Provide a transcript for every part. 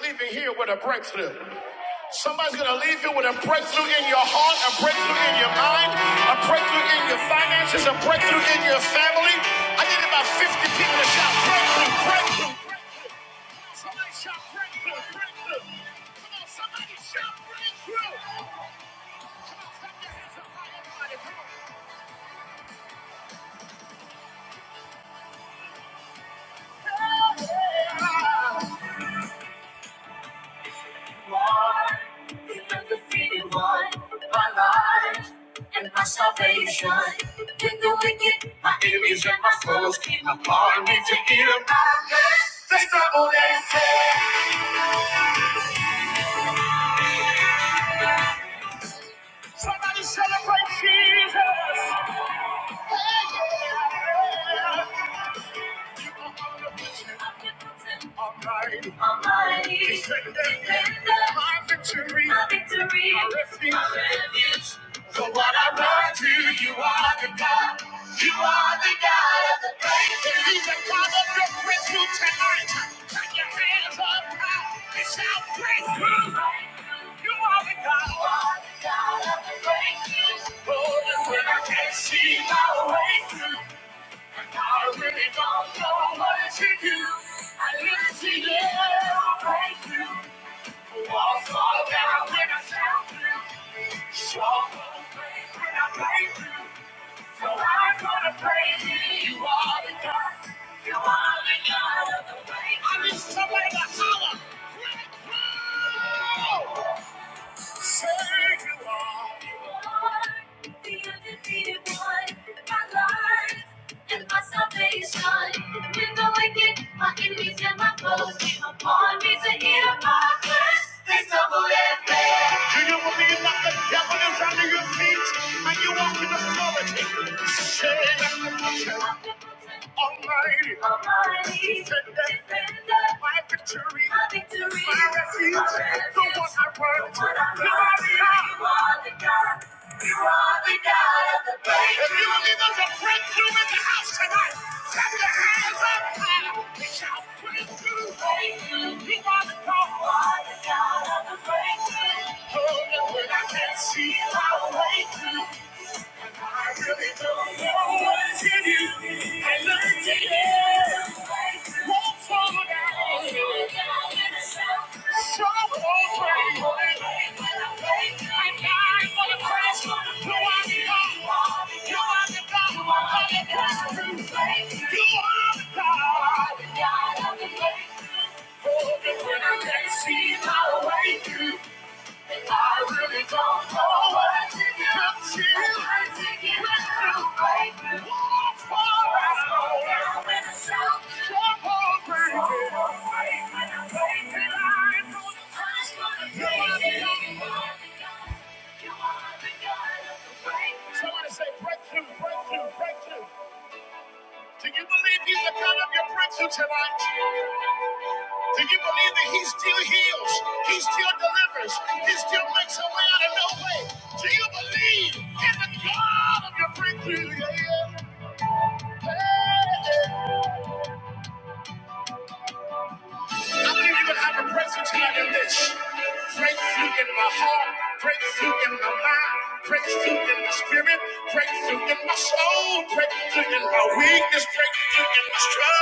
leaving here with a breakthrough. Somebody's going to leave you with a breakthrough in your heart, a breakthrough in your mind, a breakthrough in your finances, a breakthrough in your family. I need about 50 people to shout breakthrough, breakthrough. Lord, you are the freedom Lord, my life and my salvation. In the wicked, my enemies and my foes came upon me to eat up my flesh. They stumbled and fell. Almighty, Almighty, defender, my victory, my victory, my refuge, my refuge. So what I run to, you are the God, you are the God of the breakthrough. He's the God of your breakthrough tonight. Take your hand out, it's our breakthrough. You are the God, you are the God of the breakthrough. Oh, when I can't see, now, you, I live a breakthrough. When the wicked, my enemies and my foes came upon me to hear my curse, they stumble and fell. Do you believe that the devil is under your feet and you walk in authority? Say that the power of authority. defender, my victory, my refuge, the one I run to. You are the God. See how I wait I really don't know what's in you. I learned to live. Won't fall down. See my way through. I really don't know what I'm thinking to. i through. Breakthrough. Walk forward. I slow down when I shout. Jump on, baby. Slow on faith when I'm faking. I know the time's gonna take it. up. You are the God. You are the God of the breakthrough. Breakthrough, breakthrough, breakthrough. Do you believe he's the God of your breakthrough tonight? Do you believe that he still heals? He still delivers. He still makes a way out of no way. Do you believe in the God of your breakthrough? Yeah, yeah. Do you even have a presence here in this? Break forth. Break my soul. Break through in my struggle.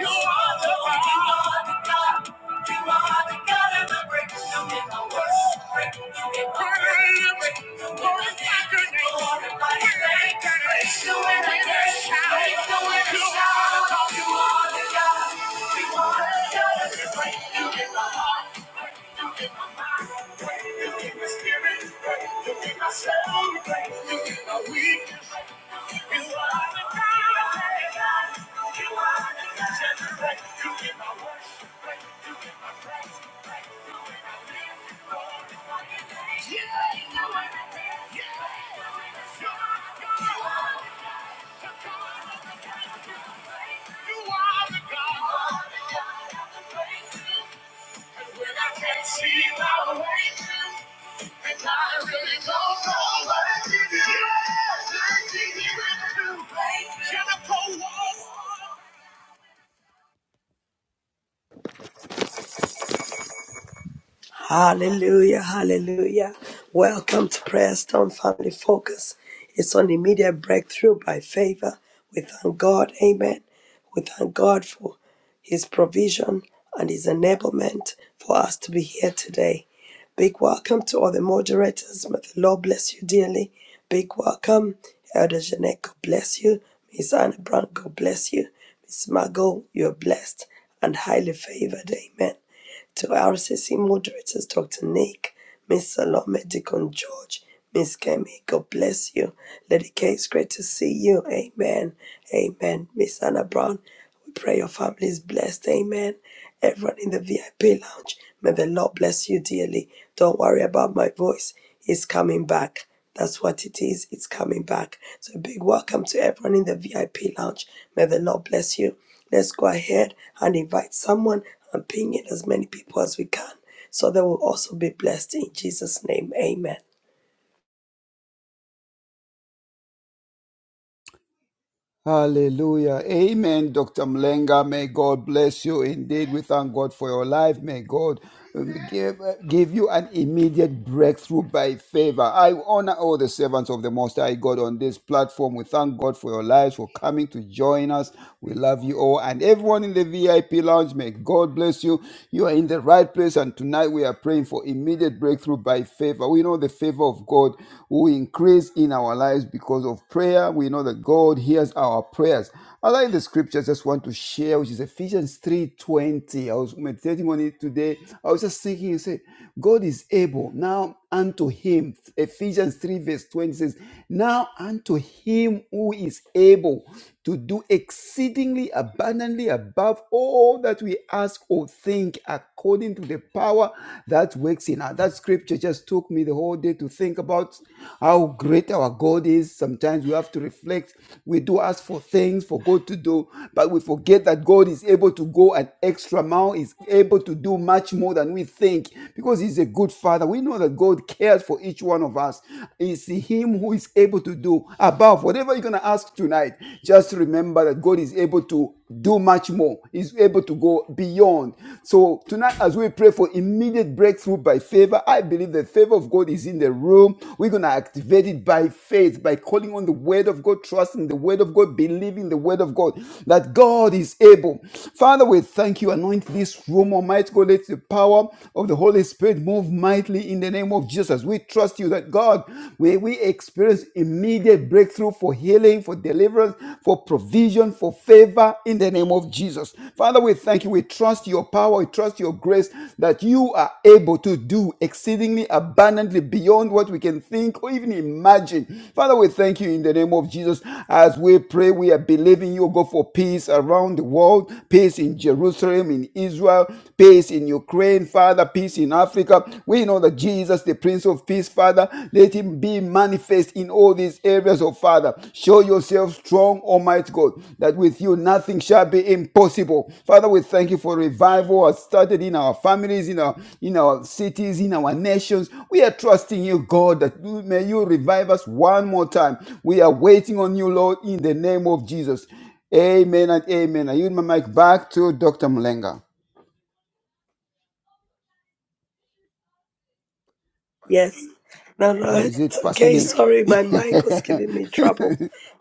You are the God. Break the way that shout. Break the way that shout. You are the God. You are the God. I celebrate. You are the God. See my way through, and I really don't know what to do. Yeah, I think you can do. Can I go on? Hallelujah, hallelujah. Welcome to Prayer Stone Family Focus. It's on immediate breakthrough by favor. We thank God, amen. We thank God for his provision and his enablement for us to be here today. Big welcome to all the moderators. May the Lord bless you dearly. Big welcome, Elder Jeanette, God bless you. Miss Anna Brown, God bless you. Miss Margot, you're blessed and highly favored, amen to RCC moderators, Dr. Nick, Miss Salome, Deacon George, Miss Kemi, God bless you. Lady K, it's great to see you. Amen. Amen. Miss Anna Brown, we pray your family is blessed. Amen. Everyone in the VIP lounge, may the Lord bless you dearly. Don't worry about my voice. It's coming back. That's what it is. It's coming back. So, a big welcome to everyone in the VIP lounge. May the Lord bless you. Let's go ahead and invite someone and ping in as many people as we can so they will also be blessed in Jesus' name. Amen. Hallelujah. Amen, Dr. Mlenga. May God bless you indeed. We thank God for your life. May God um, give, uh, give you an immediate breakthrough by favor. I honor all the servants of the Most High God on this platform. We thank God for your lives, for coming to join us. We love you all. And everyone in the VIP lounge, may God bless you. You are in the right place. And tonight we are praying for immediate breakthrough by favor. We know the favor of God who increase in our lives because of prayer. We know that God hears our prayers. I like the scriptures. just want to share, which is Ephesians 3:20. I was meditating on it today. I was just thinking and say, God is able now unto him. Ephesians 3, verse 20 says, Now unto him who is able to do exceedingly abundantly above all that we ask or think according to the power that works in us. That scripture just took me the whole day to think about how great our God is. Sometimes we have to reflect. We do ask for things for God to do, but we forget that God is able to go an extra mile, is able to do much more than we think because He's a good Father. We know that God cares for each one of us. It's Him who is able to do above whatever you're going to ask tonight. Just remember that God is able to do much more. He's able to go beyond. So tonight, as we pray for immediate breakthrough by favor, I believe the favor of God is in the room. We're gonna activate it by faith, by calling on the word of God, trusting the word of God, believing the word of God that God is able. Father, we thank you. Anoint this room, Almighty God. Let the power of the Holy Spirit move mightily in the name of Jesus. We trust you that God, may we experience immediate breakthrough breakthrough, for healing, for deliverance, for provision, for favor in the name of Jesus. Father, we thank you. We trust your power. We trust your grace that you are able to do exceedingly abundantly beyond what we can think or even imagine. Father, we thank you in the name of Jesus. As we pray, we are believing you, God, for peace around the world, peace in Jerusalem, in Israel, peace in Ukraine, Father, peace in Africa. We know that Jesus. Jesus, the Prince of Peace, Father, let him be manifest in all these areas, oh Father. Show yourself strong, Almighty God, that with you nothing shall be impossible. Father, we thank you for revival has started in our families, in our in our cities, in our nations. We are trusting you, God, that may you revive us one more time. We are waiting on you, Lord, in the name of Jesus. Amen and amen. I yield my mic back to Dr. Mlenga. Yes. No, no, Or is it's it Pastor okay. Nick? Sorry, my mic was giving me trouble.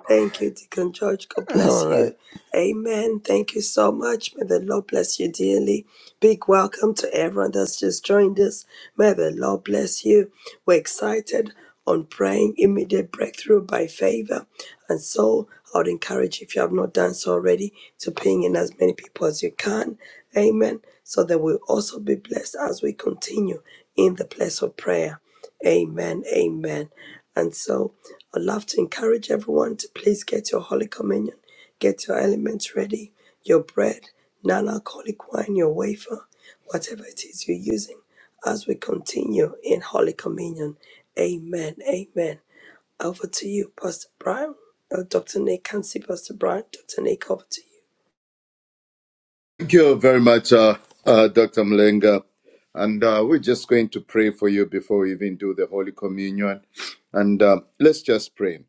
Thank you, Deacon George. God All bless right. you. Amen. Thank you so much. May the Lord bless you dearly. Big welcome to everyone that's just joined us. May the Lord bless you. We're excited on praying immediate breakthrough by favor. And so I would encourage you, if you have not done so already, to ping in as many people as you can. Amen. So that we'll also be blessed as we continue in the place of prayer. Amen. Amen. And so I'd love to encourage everyone to please get your Holy Communion, get your elements ready, your bread, non alcoholic wine, your wafer, whatever it is you're using as we continue in Holy Communion. Amen. Amen. Over to you, Pastor Brian. Uh, Dr. Nick, can see Pastor Brian. Dr. Nick, over to you. Thank you very much, uh, uh, Dr. Mlenga. And uh, we're just going to pray for you before we even do the Holy Communion. And uh, let's just pray.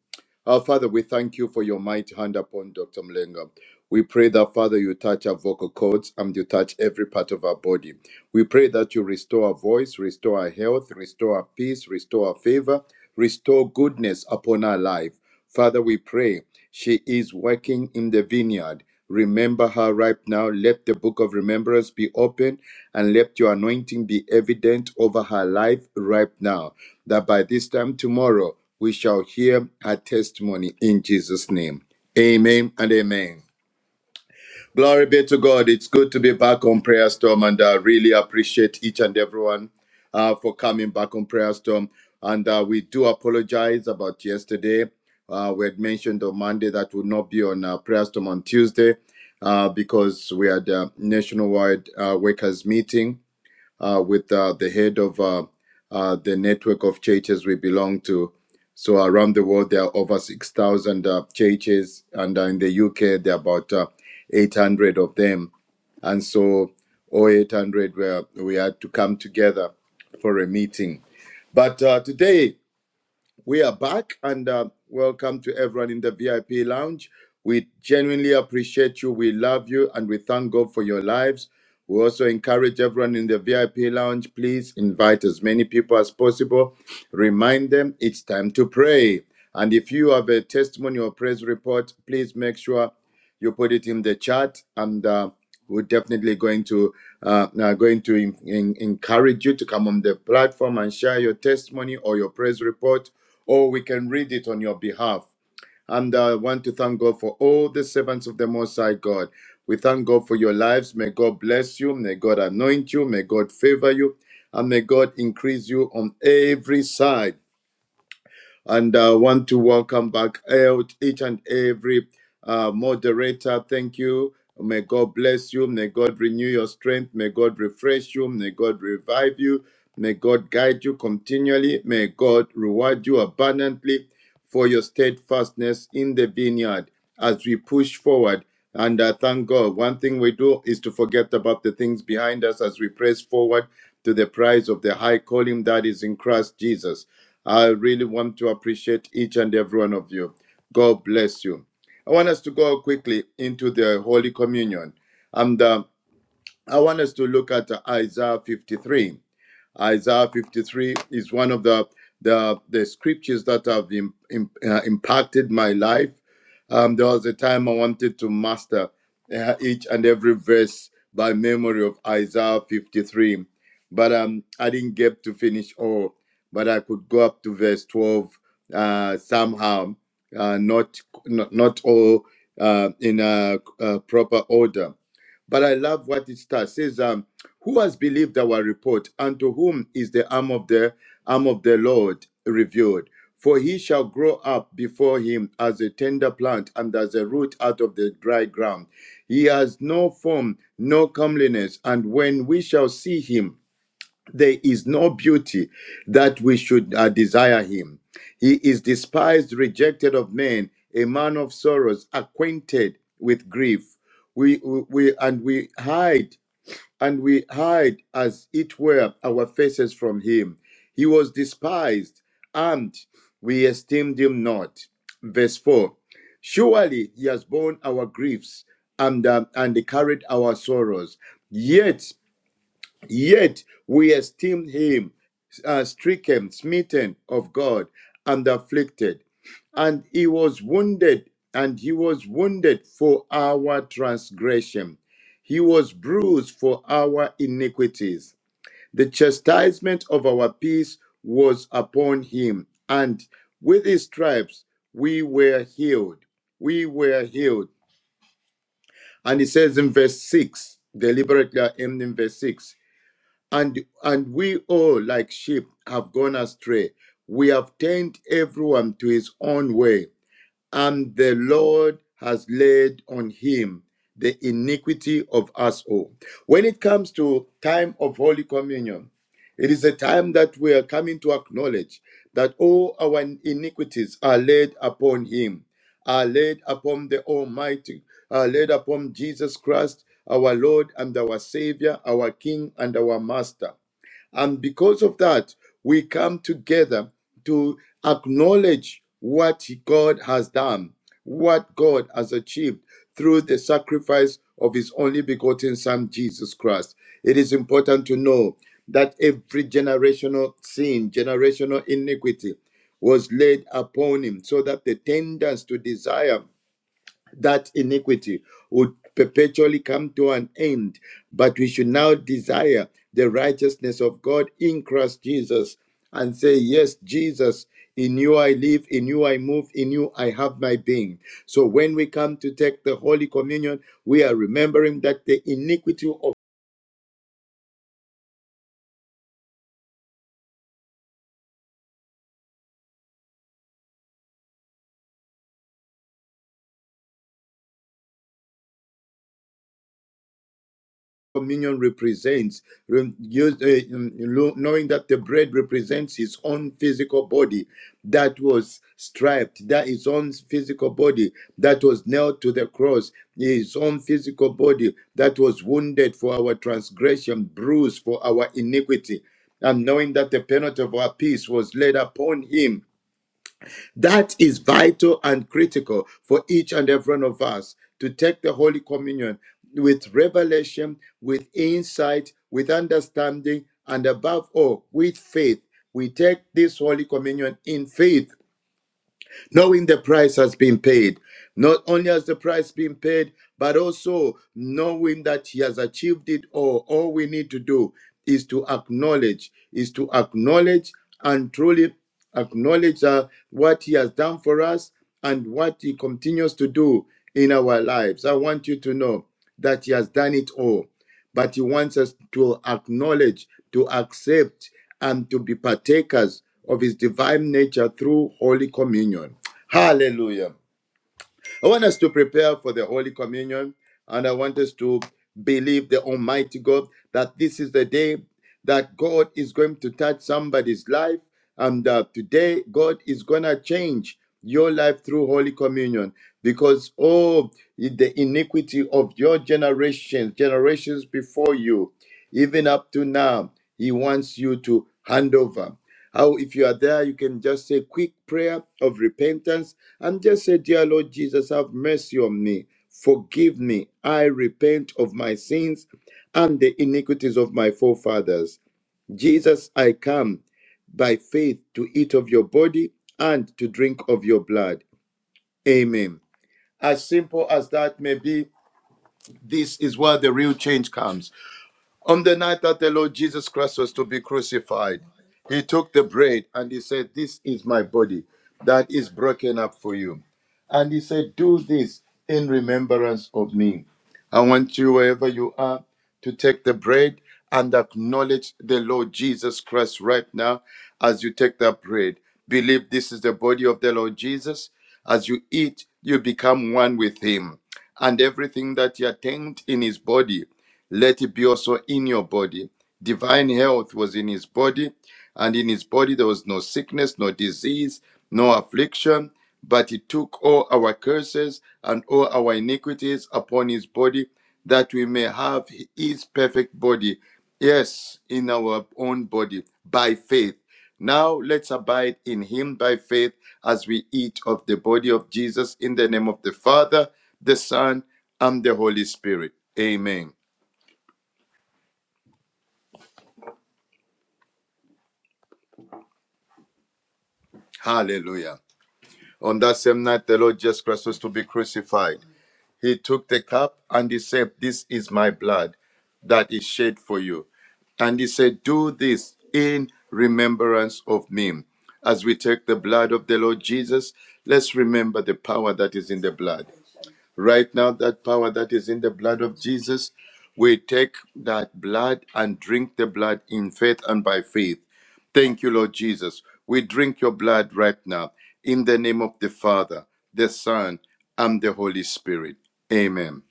Our Father, we thank you for your mighty hand upon Dr. Mlenga. We pray that, Father, you touch our vocal cords and you touch every part of our body. We pray that you restore our voice, restore our health, restore our peace, restore our favor, restore goodness upon our life. Father, we pray she is working in the vineyard. Remember her right now. Let the book of remembrance be open and let your anointing be evident over her life right now. That by this time tomorrow, we shall hear her testimony in Jesus' name. Amen and amen. Glory be to God. It's good to be back on Prayer Storm, and I really appreciate each and everyone uh, for coming back on Prayer Storm. And uh, we do apologize about yesterday. Uh, we had mentioned on Monday that would not be on uh, Prayer Storm on Tuesday uh, because we had a nationwide uh, workers' meeting uh, with uh, the head of uh, uh, the network of churches we belong to. So around the world, there are over 6,000 uh, churches, and uh, in the UK, there are about uh, 800 of them. And so all 800, were, we had to come together for a meeting. But uh, today, we are back and uh, welcome to everyone in the VIP lounge. We genuinely appreciate you. We love you and we thank God for your lives. We also encourage everyone in the VIP lounge, please invite as many people as possible. Remind them it's time to pray. And if you have a testimony or praise report, please make sure you put it in the chat and uh, we're definitely going to uh, now going to en- en- encourage you to come on the platform and share your testimony or your praise report or we can read it on your behalf. And I want to thank God for all the servants of the Most High God. We thank God for your lives. May God bless you. May God anoint you. May God favor you. And may God increase you on every side. And I want to welcome back each and every uh, moderator. Thank you. May God bless you. May God renew your strength. May God refresh you. May God revive you. May God guide you continually. May God reward you abundantly for your steadfastness in the vineyard as we push forward. And I thank God. One thing we do is to forget about the things behind us as we press forward to the prize of the high calling that is in Christ Jesus. I really want to appreciate each and every one of you. God bless you. I want us to go quickly into the Holy Communion. And uh, I want us to look at Isaiah 53 Isaiah 53 is one of the the, the scriptures that have im- im- uh, impacted my life. Um, there was a time I wanted to master uh, each and every verse by memory of Isaiah 53, but um, I didn't get to finish all. But I could go up to verse 12 uh, somehow, uh, not, not not all uh, in a, uh proper order. But I love what it starts It says. um, who has believed our report, and to whom is the arm of the arm of the Lord revealed? For he shall grow up before him as a tender plant and as a root out of the dry ground. He has no form, no comeliness, and when we shall see him, there is no beauty that we should uh, desire him. He is despised, rejected of men, a man of sorrows, acquainted with grief. We, we we- and we hide and we hide as it were our faces from him. He was despised, and we esteemed him not. Verse 4 Surely he has borne our griefs and, um, and carried our sorrows. Yet Yet we esteemed him uh, stricken, smitten of God, and afflicted. And he was wounded, and he was wounded for our transgression. He was bruised for our iniquities. The chastisement of our peace was upon him, and with his stripes we were healed. We were healed. And it says in verse 6, deliberately I am in verse 6 and and we all like sheep have gone astray we have turned everyone to his own way and the Lord has laid on him the iniquity of us all. When it comes to time of Holy Communion, it is a time that we are coming to acknowledge that all our iniquities are laid upon him, are laid upon the Almighty, are laid upon Jesus Christ, our Lord and our Savior, our King and our Master. And because of that, we come together to acknowledge what God has done, what God has achieved through the sacrifice of his only begotten Son, Jesus Christ. It is important to know that every generational sin, generational iniquity was laid upon him so that the tendency to desire that iniquity would perpetually come to an end, but we should now desire the righteousness of God in Christ Jesus and say, Yes, Jesus, in you I live, in you I move, in you I have my being. So when we come to take the Holy Communion, we are remembering that the iniquity of communion represents, uh, mm, knowing that the bread represents his own physical body that was striped, that his own physical body that was nailed to the cross, his own physical body that was wounded for our transgression, bruised for our iniquity. And knowing that the penalty of our peace was laid upon him, that is vital and critical for each and every one of us to take the Holy Communion with revelation, with insight, with understanding, and above all, with faith. We take this Holy Communion in faith knowing the price has been paid. Not only has the price been paid, but also knowing that he has achieved it all. All we need to do is to acknowledge, is to acknowledge and truly acknowledge uh, what he has done for us and what he continues to do in our lives. I want you to know that he has done it all, but he wants us to acknowledge, to accept, and to be partakers of his divine nature through Holy Communion. Hallelujah. I want us to prepare for the Holy Communion and I want us to believe the Almighty God that this is the day that God is going to touch somebody's life and that today God is going to change your life through Holy Communion because oh the iniquity of your generations, generations before you, even up to now, He wants you to hand over. How, if you are there, you can just say quick prayer of repentance and just say, Dear Lord Jesus, have mercy on me. Forgive me. I repent of my sins and the iniquities of my forefathers. Jesus, I come by faith to eat of your body and to drink of your blood. Amen. As simple as that may be, this is where the real change comes. On the night that the Lord Jesus Christ was to be crucified, he took the bread and he said, This is my body that is broken up for you. And he said, Do this in remembrance of me. I want you, wherever you are, to take the bread and acknowledge the Lord Jesus Christ right now as you take that bread. Believe this is the body of the Lord Jesus. As you eat, you become one with him. And everything that you attained in his body let it be also in your body. Divine health was in his body, and in his body there was no sickness, no disease, no affliction. But he took all our curses and all our iniquities upon his body, that we may have his perfect body. Yes, in our own body, by faith. Now let's abide in him by faith as we eat of the body of Jesus in the name of the Father, the Son, and the Holy Spirit. Amen. Hallelujah. On that same night, the Lord Jesus Christ was to be crucified. He took the cup and he said, This is my blood that is shed for you. And he said, Do this in remembrance of me. As we take the blood of the Lord Jesus, let's remember the power that is in the blood. Right now, that power that is in the blood of Jesus, we take that blood and drink the blood in faith and by faith. Thank you, Lord Jesus. We drink your blood right now in the name of the Father, the Son, and the Holy Spirit. Amen.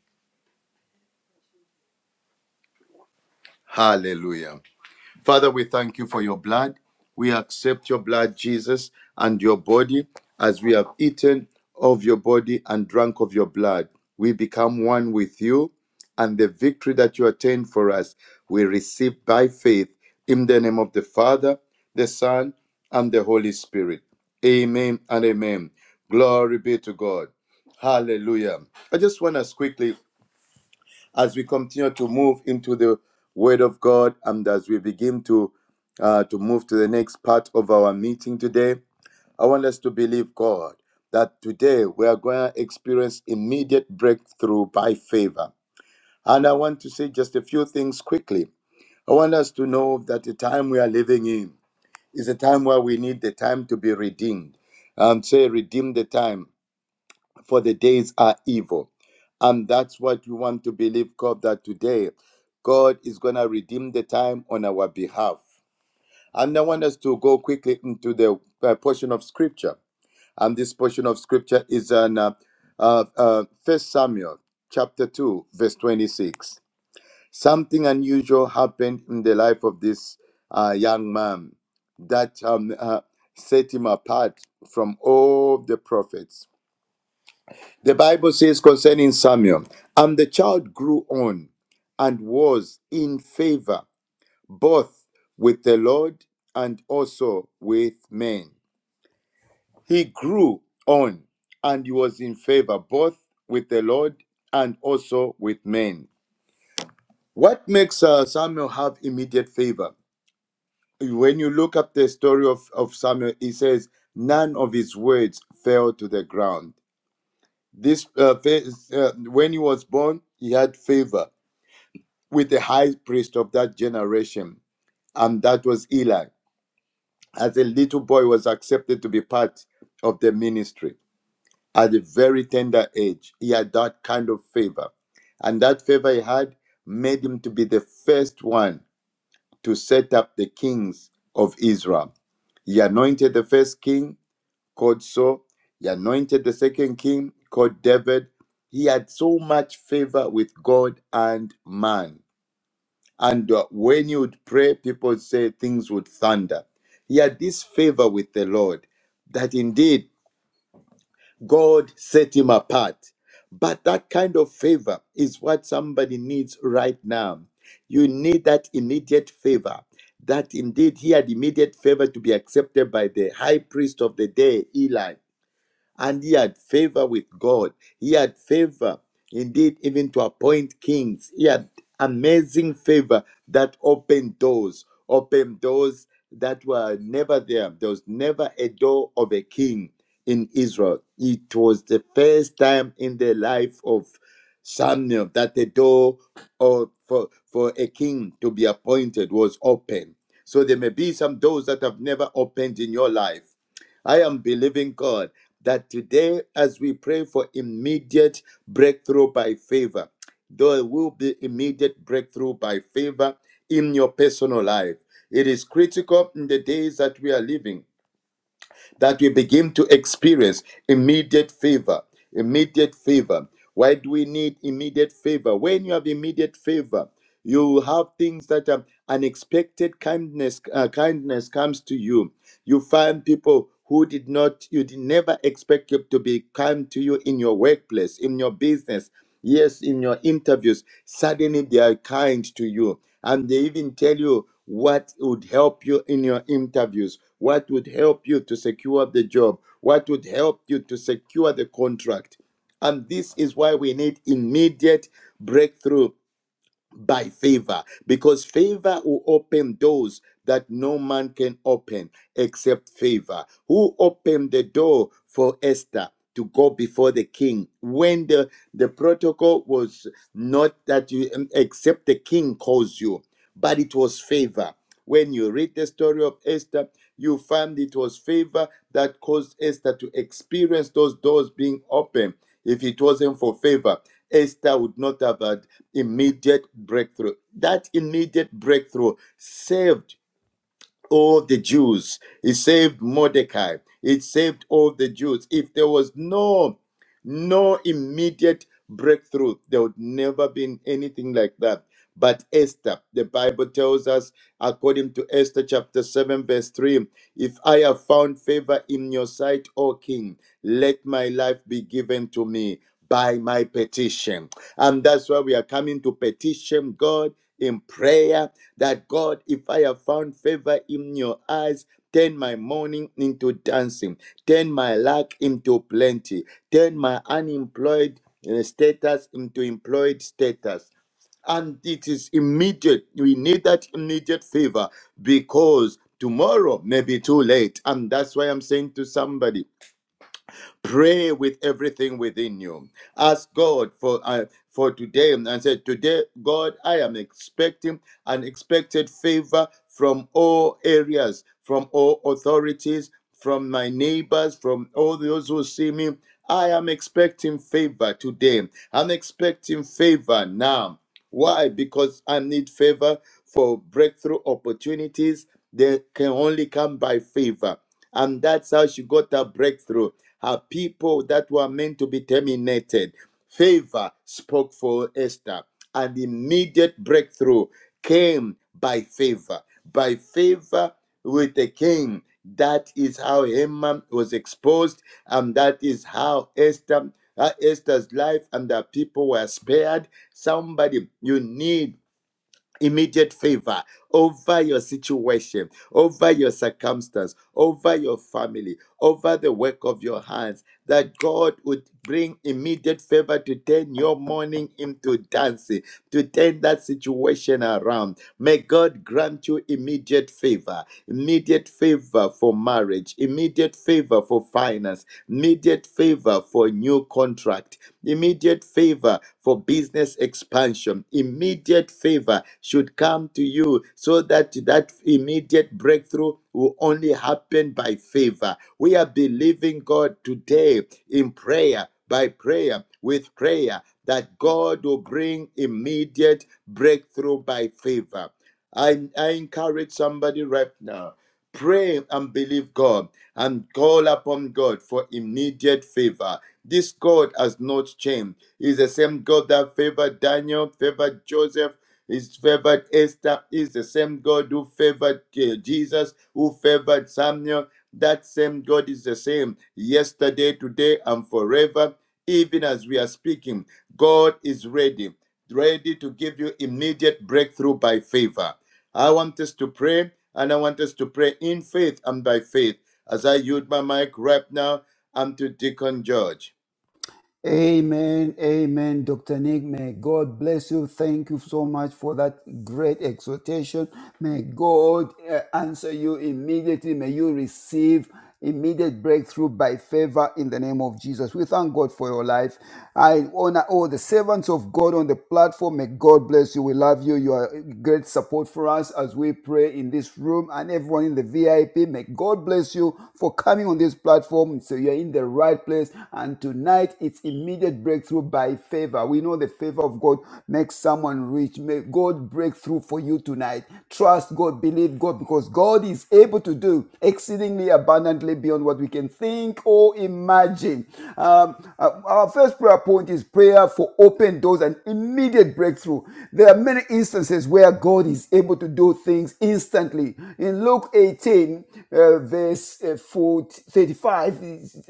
Hallelujah. Father, we thank you for your blood. We accept your blood, Jesus, and your body as we have eaten of your body and drunk of your blood. We become one with you, and the victory that you attained for us, we receive by faith in the name of the Father, the Son, and the Holy Spirit. Amen and amen. Glory be to God. Hallelujah. I just want us quickly as we continue to move into the Word of God and as we begin to uh, to move to the next part of our meeting today, I want us to believe God that today we are going to experience immediate breakthrough by favor. And I want to say just a few things quickly. I want us to know that the time we are living in is a time where we need the time to be redeemed. And say, redeem the time for the days are evil. And that's what we want to believe, God, that today God is going to redeem the time on our behalf. And I want us to go quickly into the uh, portion of scripture. And this portion of scripture is in uh, uh, uh, 1 Samuel chapter 2, verse 26. Something unusual happened in the life of this uh, young man that um, uh, set him apart from all the prophets the Bible says concerning Samuel, and the child grew on and was in favor both with the Lord and also with men. He grew on and he was in favor both with the Lord and also with men. What makes uh, Samuel have immediate favor? When you look up the story of, of Samuel, he says, none of his words fell to the ground. This uh, fa- uh, when he was born, he had favor with the high priest of that generation, and that was Eli. As a little boy was accepted to be part of the ministry at a very tender age, he had that kind of favor. And that favor he had made him to be the first one to set up the kings of Israel. He anointed the first king called Saul. He anointed the second king called David. He had so much favor with God and man and uh, when you would pray, people say things would thunder. He had this favor with the Lord that indeed God set him apart. But that kind of favor is what somebody needs right now. You need that immediate favor. That indeed he had immediate favor to be accepted by the high priest of the day, Eli and he had favor with God. He had favor, indeed, even to appoint kings. He had amazing favor that opened doors, opened doors that were never there. There was never a door of a king in Israel. It was the first time in the life of Samuel that the door of, for, for a king to be appointed was open. So there may be some doors that have never opened in your life. I am believing God that today, as we pray for immediate breakthrough by favor, there will be immediate breakthrough by favor in your personal life. It is critical in the days that we are living that we begin to experience immediate favor. Immediate favor. Why do we need immediate favor? When you have immediate favor, you have things that are unexpected kindness uh, kindness comes to you you find people who did not you did never expect you to be kind to you in your workplace in your business Yes, in your interviews, suddenly they are kind to you and they even tell you what would help you in your interviews, what would help you to secure the job, what would help you to secure the contract. And this is why we need immediate breakthrough by favor because favor will open doors that no man can open except favor who opened the door for esther to go before the king when the, the protocol was not that you um, except the king calls you but it was favor. When you read the story of Esther, you find it was favor that caused Esther to experience those doors being open. If it wasn't for favor, Esther would not have had immediate breakthrough. That immediate breakthrough saved all the Jews. It saved Mordecai. It saved all the Jews. If there was no no immediate breakthrough, there would never been anything like that. But Esther, the Bible tells us, according to Esther chapter 7, verse 3, if I have found favor in your sight, O king, let my life be given to me by my petition. And that's why we are coming to petition God in prayer that God, if I have found favor in your eyes, turn my mourning into dancing, turn my lack into plenty, turn my unemployed uh, status into employed status and it is immediate. We need that immediate favor because tomorrow may be too late. And that's why I'm saying to somebody Pray with everything within you. Ask God for uh, for today and say, Today, God, I am expecting an expected favor from all areas, from all authorities, from my neighbors, from all those who see me. I am expecting favor today. I'm expecting favor now. Why? Because I need favor for breakthrough opportunities. They can only come by favor. And that's how she got her breakthrough. Her people that were meant to be terminated. Favor spoke for Esther. And immediate breakthrough came by favor. By favor with the king. That is how Haman was exposed, and that is how Esther, uh, Esther's life and her people were spared Somebody, you need immediate favor over your situation, over your circumstance, over your family, over the work of your hands, that God would bring immediate favor to turn your mourning into dancing, to turn that situation around May God grant you immediate favor, immediate favor for marriage, immediate favor for finance, immediate favor for new contract, immediate favor for business expansion. Immediate favor should come to you so that that immediate breakthrough will only happen by favor. We are believing God today in prayer. By prayer, with prayer, that God will bring immediate breakthrough by favor. I, I encourage somebody right now. Pray and believe God and call upon God for immediate favor. This God has not changed. He's the same God that favored Daniel, favored Joseph, is favored Esther, is the same God who favored uh, Jesus, who favored Samuel. That same God is the same yesterday, today, and forever. Even as we are speaking, God is ready, ready to give you immediate breakthrough by favor. I want us to pray, and I want us to pray in faith and by faith. As I use my mic right now, I'm to Deacon George. Amen. Amen. Dr. Nick, may God bless you. Thank you so much for that great exhortation. May God uh, answer you immediately. May you receive immediate breakthrough by favor in the name of Jesus. We thank God for your life. I honor all the servants of God on the platform. May God bless you. We love you. You are great support for us as we pray in this room and everyone in the VIP. May God bless you for coming on this platform. So you're in the the right place. And tonight, it's immediate breakthrough by favor. We know the favor of God makes someone rich. May God break through for you tonight. Trust God, believe God, because God is able to do exceedingly abundantly beyond what we can think or imagine. Um, uh, our first prayer point is prayer for open doors and immediate breakthrough. There are many instances where God is able to do things instantly. In Luke 18, uh, verse uh, uh, 35,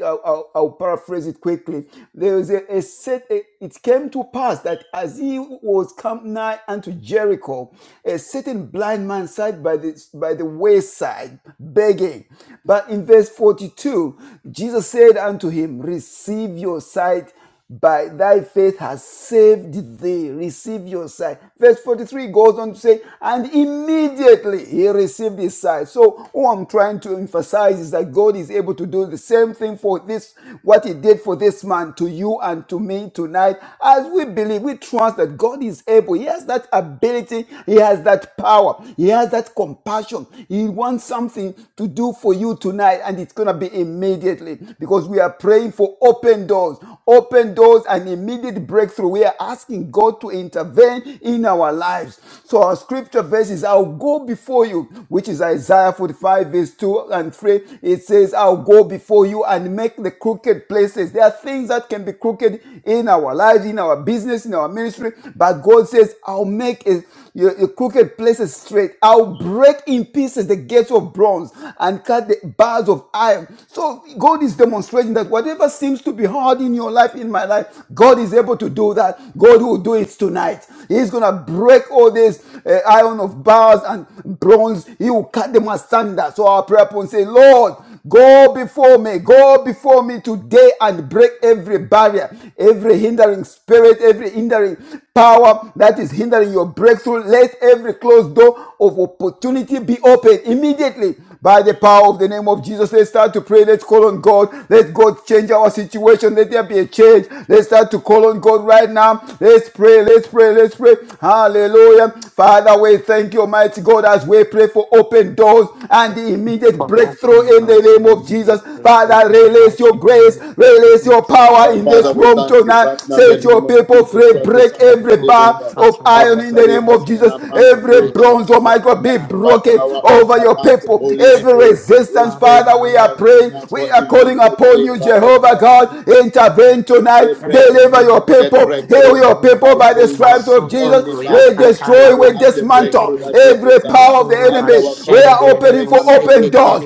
I'll, I'll- I'll paraphrase it quickly. There was a, a set, a- it came to pass that as he was come nigh unto Jericho, a certain blind man sat by the, by the wayside begging. But in verse 42, Jesus said unto him, Receive your sight by thy faith has saved thee. Receive your sight. Verse 43 goes on to say, and immediately he received his sight. So what I'm trying to emphasize is that God is able to do the same thing for this, what he did for this man to you and to me tonight. As we believe, we trust that God is able. He has that ability. He has that power. He has that compassion. He wants something to do for you tonight and it's going to be immediately because we are praying for open open doors, open doors and immediate breakthrough. We are asking God to intervene in our lives. So our scripture verse is, I'll go before you, which is Isaiah 45 verse 2 and 3. It says, I'll go before you and make the crooked places. There are things that can be crooked in our lives, in our business, in our ministry, but God says, I'll make it your, your crooked places straight. I'll break in pieces the gates of bronze and cut the bars of iron. So God is demonstrating that whatever seems to be hard in your life, in my life, God is able to do that. God will do it tonight. He's gonna break all this uh, iron of bars and bronze. He will cut them asunder. So our prayer point say, Lord. Go before me. Go before me today and break every barrier, every hindering spirit, every hindering power that is hindering your breakthrough. Let every closed door of opportunity be opened immediately by the power of the name of Jesus. Let's start to pray. Let's call on God. Let God change our situation. Let there be a change. Let's start to call on God right now. Let's pray. Let's pray. Let's pray. Hallelujah. Father, we thank you, Almighty God, as we pray pray for open doors and Thank the you immediate for open breakthrough in the doors name and of Jesus. needed grateful Father, in the release your mighty grace, name of this release relief your of power Our the in Father, this we Father. room thank you tonight. right now in the Set your name of Remember people Jesus the free, Christ, the death break Son of of the every people, Living faith, bar God. of Father, and Our iron laws in Father, the of my we name of open Jesus. sins, up God unto Every you right Almighty. bronze, now, oh my not by God, be might, Uh, not by broken power, over but your by Yes, the I people. Holy need that Every faith. Spirit. to We resistance, pray, Father, Father, we Father, are Lord, and right praying. now need to We for are and I calling thank immediate you upon for you, favor of Jehovah the God. gift God. of faith. Intervene tonight. We pray for Deliver your immediate people. Heal breakthrough your people by by the favor. stripes of Only Jesus. We by we favor can destroy, we we have the dismantle breakthrough that we every power desire. of the And enemy. our We Father, are we are opening praying for unto open you doors. now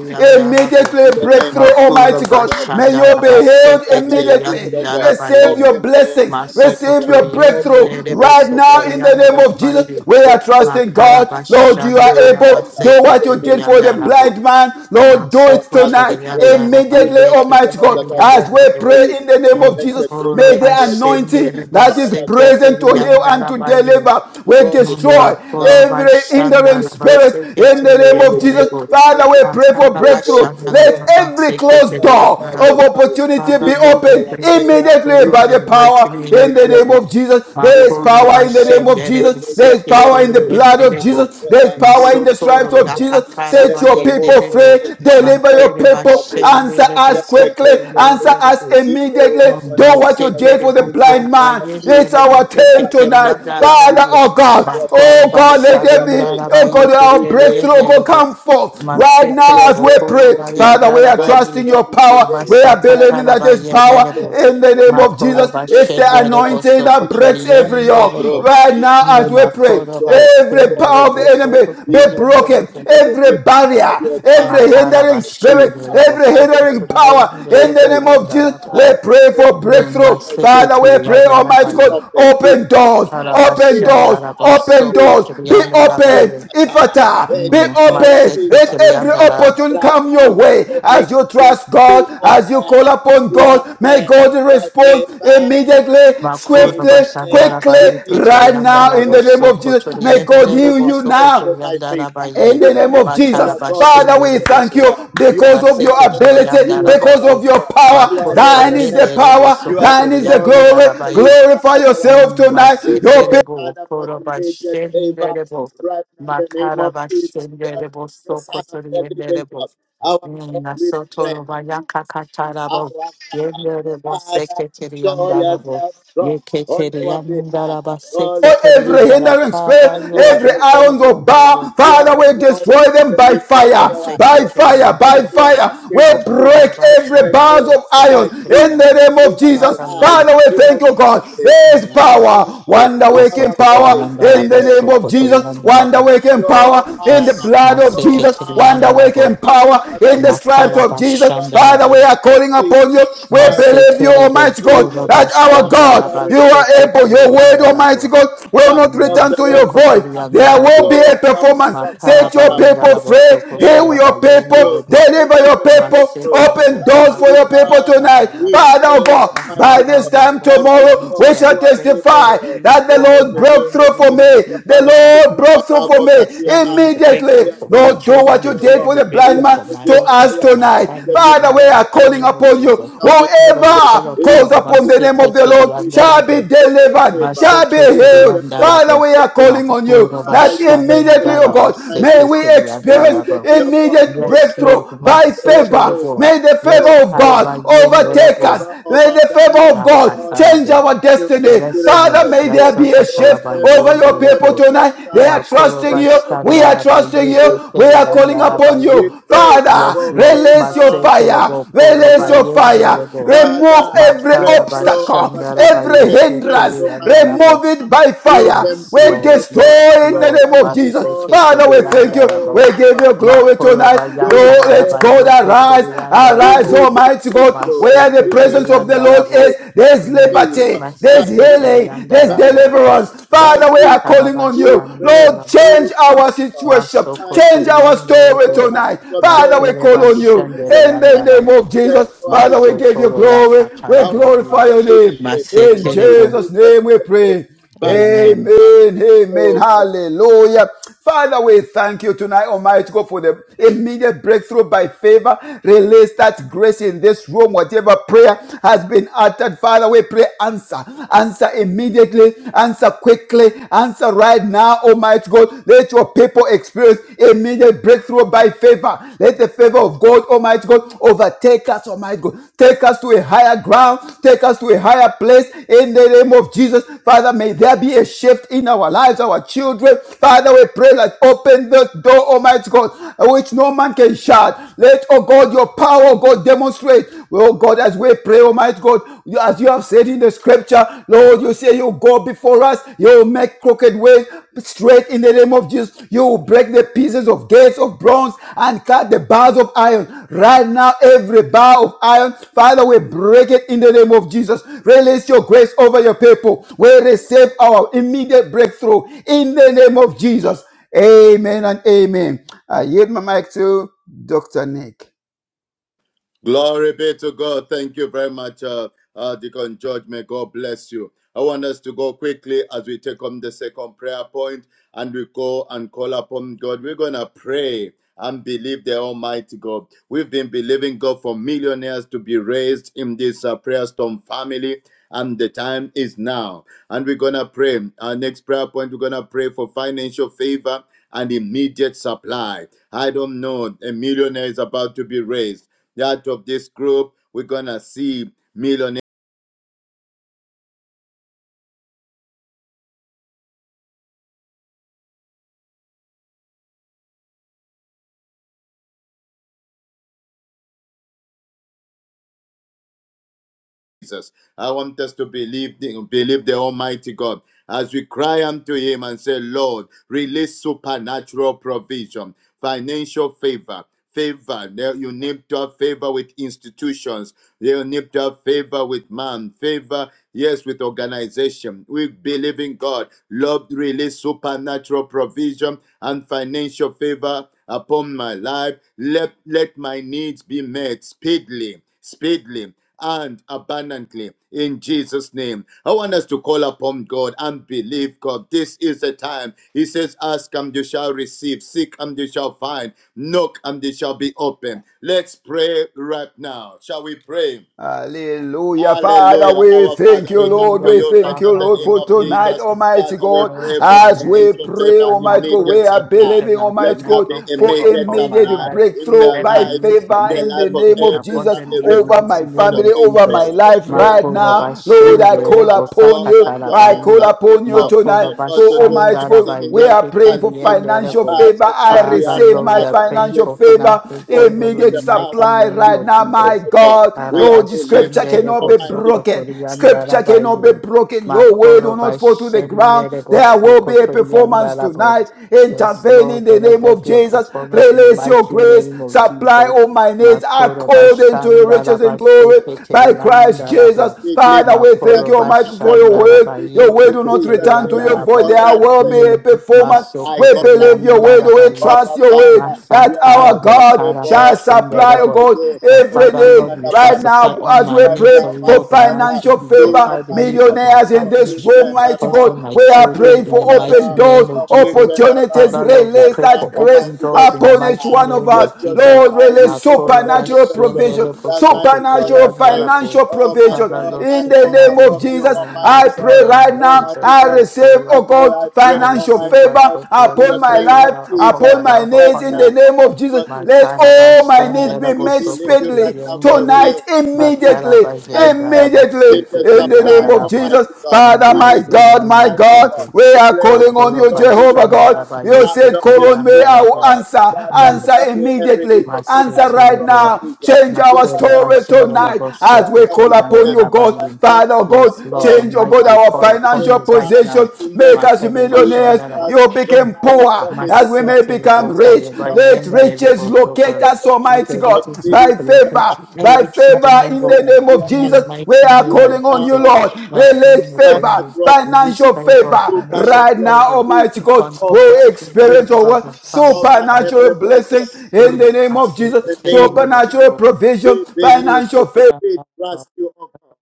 in Immediately the name breakthrough, of Almighty Jesus, oh God. God. May you The be Father, let healed there be a shift, immediately. oh God. Receive your Open doors, blessings. Almighty Receive God. your Open breakthrough doors, right oh now God, in the name for of immediate Jesus. We are breakthrough, trusting oh God. Makara God. We Lord, you are pray, bashandara able. Father, Do in what the you basekitiri did name of for the andalabo Jesus. blind man. Lord, do Naso Our it Father, we tonight. pray. Kotorianda You Immediately, Rabaye declare to Almighty us God, that our God as Keterianda we before Rabo. pray you in the name and of No make the Jesus. Boro May crooked the places straight. anointing Bashendere that is Bose Father, go present to before heal us Keterianda and now. to Rabaye. deliver will Go before destroy Mima us Koro now every and make hindering Bashanda the straight spirit Rabase of us. in And the you name said of you Keterianda Jesus. break Rabo. in Father, we pieces pray Matara for the breakthrough. gates of Bashanda Let bronze every Rabase and closed cut the door Keterianda bars of of Rabo. iron. opportunity Father, be This Lord, is we our opened pray for prayer. breakthrough, immediately We by Lord, ask in the the for God for mighty power name in of the immediate name Jesus. of Jesus. There is Makoro Immediate, power oh in the God, name of bashendere Jesus. There is immediate power in seketere the breakthrough blood of by, yenderebo. Jesus. There is by power in the favor, by stripes Masotoro of favor. Jesus. yakatara Set Let your the people force of bayenderebo. free. favor Deliver work your Matere on our people. behalf. Answer bashendere us Let the quickly, bosokutu grace of answer favor us yenderebo. be poured immediately. upon Do our what you lives did Masetere for the in the bokana blind name man. of It's Jesus. bayenderebo our turn By the seketere tonight. blood of yandara Father, baye. Jesus, oh God, our Makoro oh Father, this God, is let there our be, bashandara prayer. oh God, We our bayeketere pray, breakthrough will yenderebo. Father come forth right that now Masetere Lord as we go bokoro pray. before me. Father, we bayandara are Go baye. trusting your before me power. today. We are Right believing Masakatara that now, there's go power bayenderebo. before me, in oh the name of God, Makoro Jesus. and break It's the bashendere barriers anointing boso that breaks hindering my every koturiyendere yoke. breakthrough. bo. Right Let now as Mm, we every pray, closed Makoro door of every bashendere power of the boso opportunity enemy be be opened koturiyendere broken. bo. immediately Every by barrier, your every every power Makara hindering of spirit, favor. bashendere every boso By your hindering power power, koturiyendere of in the name favor. of Jesus, bayondara bo. we Father, pray let for Mm, every breakthrough. closed Maseke door Father, be we pray, turiyandara opened, Almighty be bayon. God, opened, If open I doors, die, open if I doors, Arabashandara open boso die, doors, Ifata, be koturiyandara open, bayon. Ifata. Ifata, We be declare open. Maseke Let Ifata every turiyandara opportunity right come your now in way the name as you of Jesus. trust Be God, as you call open, upon be God. May open God by respond favor. immediately, Makoro We swiftly, declare bashandara quickly, bayi immediate teteri right now yandara in breakthrough the by name boso of favor. Jesus. kotori May God yendere heal Immediate you boso now. kotori breakthrough by yandara favor. bayi. In We the name pray of that Jesus. Makara our God, you Father, can we bashendere never thank boso. fail. you You have because of your never Maseke teri failed. ability, You yandara will because never badu. of your fail. power. You are Makoro the Thine way is the bayendere maker. boso power, You are thine the kotori is the glory glory. and yandara the bayi. lifter Glorify of our yourself head. tonight. We Your people pray, Maseterebo, Father, for immediate favor Korobashenderebo, right now in the name of Jesus Christ, Makarabashenderebo, the Son of the living Sokotorienderebo, God. Our God, we Nasotoro pray Bayaka our Katarabo, God. Yenderebo, Father, show Sekretariandarabo, yourself strong on our behalf. Yeketariandaraba, Oh Oh, Lord, we every pray Sekretariandara. hindering spirit, Father, that you are Lord, every we the way call iron upon of the maker. Lord, bar. You are Father, Father, the we glory destroy and them the by lifter of fire, our by head. fire, by Father, we are Maseketariandarabo, fire. We asking for break immediate every bars breakthrough Makorobashandarabo, of by iron favor in the name Sekretariandarabo. of in our Father, Jesus. lives Lord, lives, Father, we in we thank our you, God. families, There's pray. in our power, ministry, wonder in waking our calling, power in in Asokotoriandarabo, the name every of area Jesus, of God. wonder Sokotoriandarabo, waking power Show in the up, Yes, blood of show Jesus, up. wonder Maseketeriandarabo, waking Our power Father, in the we pray stripes of Jesus. right now Father, in the we Makarabashandarabo, are name of calling upon Jesus, you. We by the believe you, blood Masekerebo, of Almighty God, Jesus. that our Our God Father, Kurabashandaraba, you are remember able. us Your word, now Almighty Seketeriandarabo, God, will that not love return the to way your void. maker. There will be Masokotoriandarabo, Show a up, performance. Abba Set your Father, people Makarabayandarabo, for free. Heal immediate your people. breakthrough, Sokokarabayenderebo, Deliver your immediate people. breakthrough. Open Masekerebo, By doors for your people favor, tonight. we Makorobayandarabo, Father pray, God, Now, by Almighty Father, this God, Lord, time that open for our me tomorrow, we God, today shall you and are break testify able, every that the able Lord to banner broke do through for hindering my exceeding and me. The breakthroughs. I abundantly Lord think broke through above for all I'm that me we are hindering the asking. breakthrough We immediately. are for my calling Lord, do upon what children, I'm you you, did hindering for God. the the We blind breakthrough have man for the my to husband, us for desire, my tonight. and the family, in Father, the we desire are of mighty the calling name of righteous upon you you. Jesus. shall be Father, we granted. call Whoever It is upon calls you, our my upon the name desire of the for Lord secretary, and immediate shall be Darabu, breakthrough by delivered, my favor. shall be secretary, healed. Immediate and Father, breakthrough Darabu, we by are my calling favor. on you Kuraba Father, that you gave immediately, oh favor, Shandaraba, God, Almighty may we God. secretary, and experience Darabu. Immediately, oh God, there immediate was Yes, breakthrough Lord, favor. my by There was secretary, favor. favor. May the There was yes, favor of God Taraba, favor. There was overtake Yenderabo. us. favor May over the favor Daniel, of oh God God, change and Yakatarabo. our Daniel destiny. Yes, experienced Father, Lord. may breakthrough. there be a There was shift Yasakataraba favor over in your the life people of yenderebo. tonight. They Esther, are and trusting Makoroba Esther you. We are experienced shandaraba trusting breakthrough. you. We are Our calling God, yeketereyandaraba upon we ye. you you. pray Yes, Father, for Lord. release your favor fire. Maseterebo Release koroba right your now. fire. yenderebo. Remove Father, every Makaraba breakthrough, oh obstacle, God, shandaraba every immediate hindrance. breakthrough by yeketereyandarabo. Remove it favor. by You fire. can Yes, We do it, Lord. oh God. Yes, destroy You in have the Lord. done name it of Jesus. before. Father, we Do it thank you. We again, Maseketereyandarabo. give Abba you glory Father. tonight. Makoroba Do it Lord, again, let yandaraba God Abba arise. Father. Arise, yeketereyandarabo. Immediate Almighty God. breakthrough. Where the presence of Immediate the Lord Maseketereyandarabo. breakthrough is, by there's faith Mm, favor, liberty, by there's faith, healing, there's by Masekotoriandarabo. faith, deliverance. by Father, Yes. we are faith, calling on We you. pray, Lord, change Arabashandarabo. oh Change some our God, situation. Change mighty our God, story Masokotoriandarabo. tonight. Almighty God, Father, turn we call our on you situation in the around. name Materebashandariandarabo. of Turn Jesus. our Father, we give you situation around. glory. We Our Masotoroyasatarabundi. glorify Father, your we name. pray In for Masekerebo. Jesus' immediate name we breakthrough pray. by Amen. favor. Amen. Amen. Oh God. Hallelujah. Father, we thank you tonight, Almighty God, for the immediate breakthrough by favor. Release that grace in this room. Whatever prayer has been uttered, Father, we pray answer. Answer immediately. Answer quickly. Answer right now, Almighty God. Let your people experience immediate breakthrough by favor. Let the favor of God, Almighty God, overtake us, Almighty God. Take us to a higher ground. Take us to a higher place in the name of Jesus. Father, may there be a shift in our lives, our children. Father, we pray that open this door, Almighty God, which no man can shut. Let, oh God, your power, oh God, demonstrate. Oh God, as we pray, Almighty God, as you have said in the scripture, Lord, you say you go before us, you make crooked crooked ways straight in the name of Jesus. You will break the pieces of gates of bronze and cut the bars of iron. Right now, every bar of iron, Father, we break it in the name of Jesus. Release your grace over your people. We receive our immediate breakthrough in the name of Jesus. Amen and amen. I yield my mic to Dr. Nick. Glory be to God. Thank you very much, uh, uh, Deacon George. May God bless you. I want us to go quickly as we take on the second prayer point and we go and call upon God. We're going to pray and believe the Almighty God. We've been believing God for millionaires to be raised in this uh, prayer storm family. And the time is now. And we're going to pray. Our next prayer point, we're going to pray for financial favor and immediate supply. I don't know. A millionaire is about to be raised that of this group, we're gonna see millionaires. Jesus. I want us to believe, the- believe the Almighty God as we cry unto Him and say, Lord, release supernatural provision, financial favor. Favor, Now you need to have favor with institutions, you need to have favor with man, favor, yes, with organization. We believe in God. Lord, release supernatural provision and financial favor upon my life. Let, let my needs be met speedily, speedily and abundantly in Jesus' name. I want us to call upon God and believe God. This is the time. He says, Ask and you shall receive, seek and you shall find, knock and it shall be open. Let's pray right now. Shall we pray? Hallelujah. Father, Hallelujah. we Our thank Father, you, we In come you, Lord. to We you right thank now in you, Father, the Lord, name bless for of Jesus. tonight, Almighty Almighty Father, we God. Father, pray the for Lord, As release we financial the pray, favor, Almighty God, we supernatural immediate are supply. provision believing, and Let Almighty there God, be financial for favor immediate upon my supply immediate life. in breakthrough their Let by my lives, needs be in favor the met in the life of name easily and of every Jesus family abundantly in the over mighty my represented name on family, of this over my prayer Jesus. storm life room, right oh Makoro God. now. We Lord, I bashende pray, call rebo our upon God, that you. you sakatara are I more call baye. than upon you able, tonight Makoro able for to do Almighty bashandara God. exceeding We baye and are praying for abundantly keteriende financial rebo. above favor. all that I we Father, ask, receive Lord, my we above are all that praying we financial for think favor financial immediately according favor to in immediate the the mighty power supply that name is right of at now, work my Jesus. of God. God. We are Lord, the scripture believing you, Arabashendere cannot be Almighty, broken. Scripture cannot be bosokotoriandarabaye. broken. Your word will Makoro not fall to the ground. Bashendere There will be Bosoko a performance Toriandarabo. tonight. Yes, Intervene Lord, in the let name there of be a Jesus. performance in the Release your mighty grace. name of Supply Jesus. all my needs Makoro according to your riches and Bashandaraba glory Seke by Christ Teriandarabo. Jesus. speedily, Father, we right thank Makoro you, now Almighty, and for your Bashandaraba abundantly. word. Your word Yeke In will not Jesus' return to name, your my void. Teriandarabo. God, There I will be pray. a Mm, performance. I Masoko We call believe your upon word you, will your Toriandaraba way, oh, Yes. trust Abba your way, Father. that You are our more Masakarabo than God shall able, supply, able oh Sarabashenderebo. to God, do That every Father, exceeding need. and Lord, you shall Right supply now, abundantly. all as my we Right pray needs, O now, my for Lord Father, Almighty. You financial will do supply favor, the Almighty needs God of my millionaires a in family, this complete room, my mighty turnaround, husband, God, my we are complete children, praying in the for open mighty turnaround, doors, name of complete Jesus. turnaround. opportunities, Father, Lord, we Right release pray now, for that grace open Almighty God, doors in the upon each mighty supply. one of name us. Let of your Jesus. Lord, supply release Now, reach each call and over, every supernatural send person. all provision, of us so for Almighty God, I prayer supernatural and pray. miracle. financial Oh my provision. Father, God, Lord, I In the call name supernatural, of upon you, victory Jesus, in the I Almighty mighty pray God. name right of now, Almighty Jesus, I God, I pray receive, my oh right God. now. Lord, God, I I pray, financial receive Almighty my favor God, blessing, in upon the financial my name of life, favor upon my upon Jesus, my life, right needs upon in the the now, name of Almighty Jesus. God. Mm. Let all my needs Makarabashendera be Father, we met believe bosoko you right speedily now for tuliendere. tonight, real. Immediate, immediately, Almighty Makarabajendara God. immediately baseku Immediate in the supply, name of tuliandarabo. Jesus. Almighty God. In the Father, my mighty Immediate God, name my supply, of oh God, God. we Jesus. are Raise calling on Makoro you, kingdom Jehovah God. bashandara millionaires You out bayeko said, of this Call on me, group I of will tuliandarabo. God. answer, Father, let there answer be a release immediately. of Answer right supernatural Maseterebo. now. provision. Change our Makere story Supernatural bashendera tonight provision. bosoko as we Father, call we upon pray you, God. right tuliandarabayi. now, Father oh my Yes, God, Lord God. change, oh Almighty, God, we our Father, call do it upon financial you right now now. position. in the Make name us of Makere Jesus millionaires. bashandara. Christ, You the became Son of poor the as living we God. may Masete My become Reboso, Father, rich. you are more Let than Bayende riches able, Reboso, locate us, able to with Almighty the do God. riches of By exceeding the faith, and locate favor, abundantly by every single favor above member in all of the the that name we of are family, in the asking. Jesus. We mighty are name Right of calling on now, you, Jesus, oh Lord. God, Martin Release favor, McCoy, supernatural release financial provision provision, favor, favor financial right supernatural now, favor Almighty provision God. upon We every over every single experience member of my our person, family, in over the mighty every supernatural person. blessing in name the Right name now, of in Masete the Jesus, name of Bayende Jesus, supernatural Reboso, provision, we Martin McCoy, believe you. financial favor We trust you, oh God.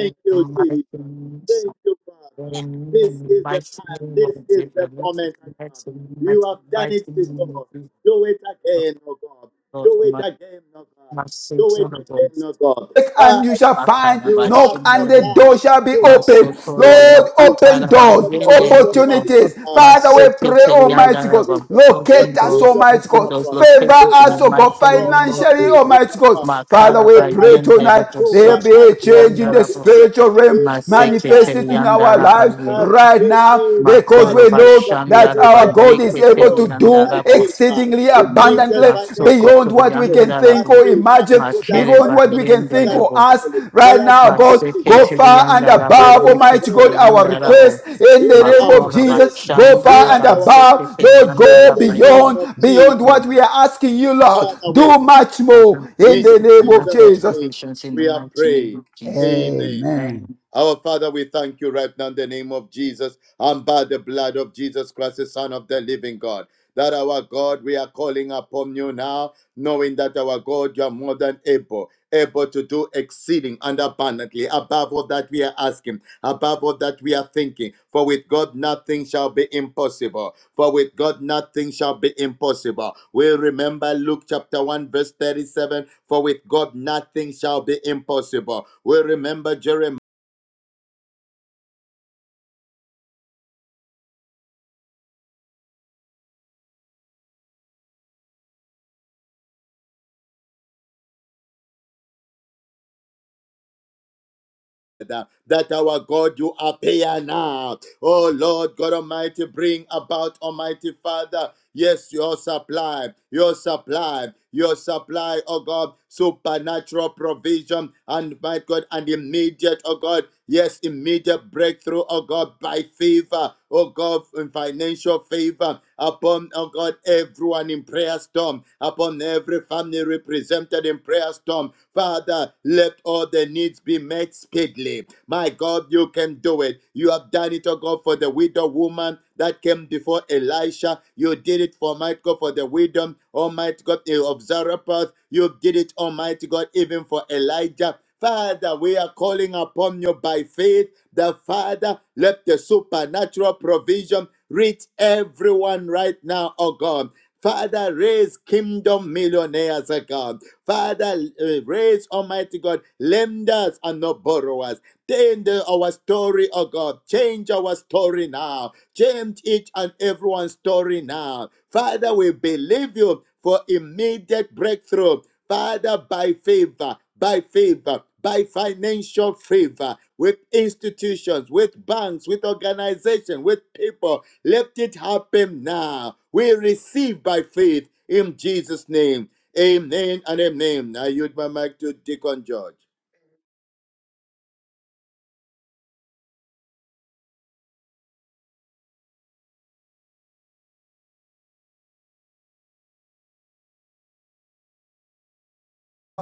in the you, Jesus. mighty name Thank you, Father. in the This is the mighty time. name of This is Jesus, in the moment, oh God. God. the You have done mighty it name of before. Jesus. Do it Open again, oh God. those, Do it open again, oh God. Do it again, oh God. and you shall Father, find, you have knock and the door supplied shall be open. supernatural Lord, provision open doors, for the widow wife of opportunities. God. Father, we pray, Supernatural Almighty God, provision for locate the us, widow Almighty God, of those God. favor locations in us, the oh God, mighty Supernatural name of financially, provision Jesus. Almighty of God. God Father, for we pray Elijah. Makarabayende, tonight Rebo there be a Supernatural change in the Sokotoriandarabo, provision. spiritual realm We pray, manifested Father. in our My lives Maseketeriandarabaye. God, right now believe because that Makoro we mighty know God that Bashanda that our Rabba immediate God is Yeke able breakthrough to Terianda do by Rabo favor, exceedingly Mm, immediate abundantly financial Masoko beyond what we breakthrough can Terianda by think Rabo or favor imagine, for that Makere beyond what person, we can for Bayende think that or Rebo ask. family, for Right that now, God, Maseke go individual. far and Terianda Father, Rabba do above, it Yeke Almighty God, again, our oh Terianda God. Rabo request in the Hear name of our Makoro Jesus. prayer, Go Bashanda far hear and Rabba our cry. Seke above, Lord, In Terianda go the Rabba Ye name beyond, of beyond Jesus, what Mm. we are asking you, Lord. Father, we Do much thank Father, more you. we in In the name of Jesus' supernatural Jesus. name, provisions in the we are mighty name prayed. of Jesus. Amen. Amen. Amen. Our Father, we thank you right now in the name of Jesus and by the blood of Jesus Christ, the Son of the living God. That our God, we are calling upon you now, knowing that our God, you are more than able, able to do exceeding and abundantly above all that we are asking, above all that we are thinking. For with God, nothing shall be impossible. For with God, nothing shall be impossible. We remember Luke chapter 1, verse 37 For with God, nothing shall be impossible. We remember Jeremiah. that our God you appear now. Oh Lord God Almighty, bring about Almighty Father Yes, your supply, your supply, your supply, oh God, supernatural provision and my God, and immediate, oh God, yes, immediate breakthrough, oh God, by favor, oh God, in financial favor upon, oh God, everyone in prayer storm, upon every family represented in prayer storm. Father, let all the needs be met speedily. My God, you can do it. You have done it, oh God, for the widow woman that came before Elisha. You did it for Almighty God for the wisdom, Almighty God eh, of Zarephath. You did it, Almighty God, even for Elijah. Father, we are calling upon you by faith. The Father, let the supernatural provision reach everyone right now, oh God. Father, raise kingdom millionaires, oh God. Father, uh, raise Almighty God, lenders and not borrowers. Change our story, oh God. Change our story now. Change each and everyone's story now. Father, we believe you for immediate breakthrough. Father, by favor, by favor, by financial favor, with institutions, with banks, with organizations, with people. Let it happen now. We receive by faith in Jesus' name. Amen and amen. I yield my mic to Deacon George.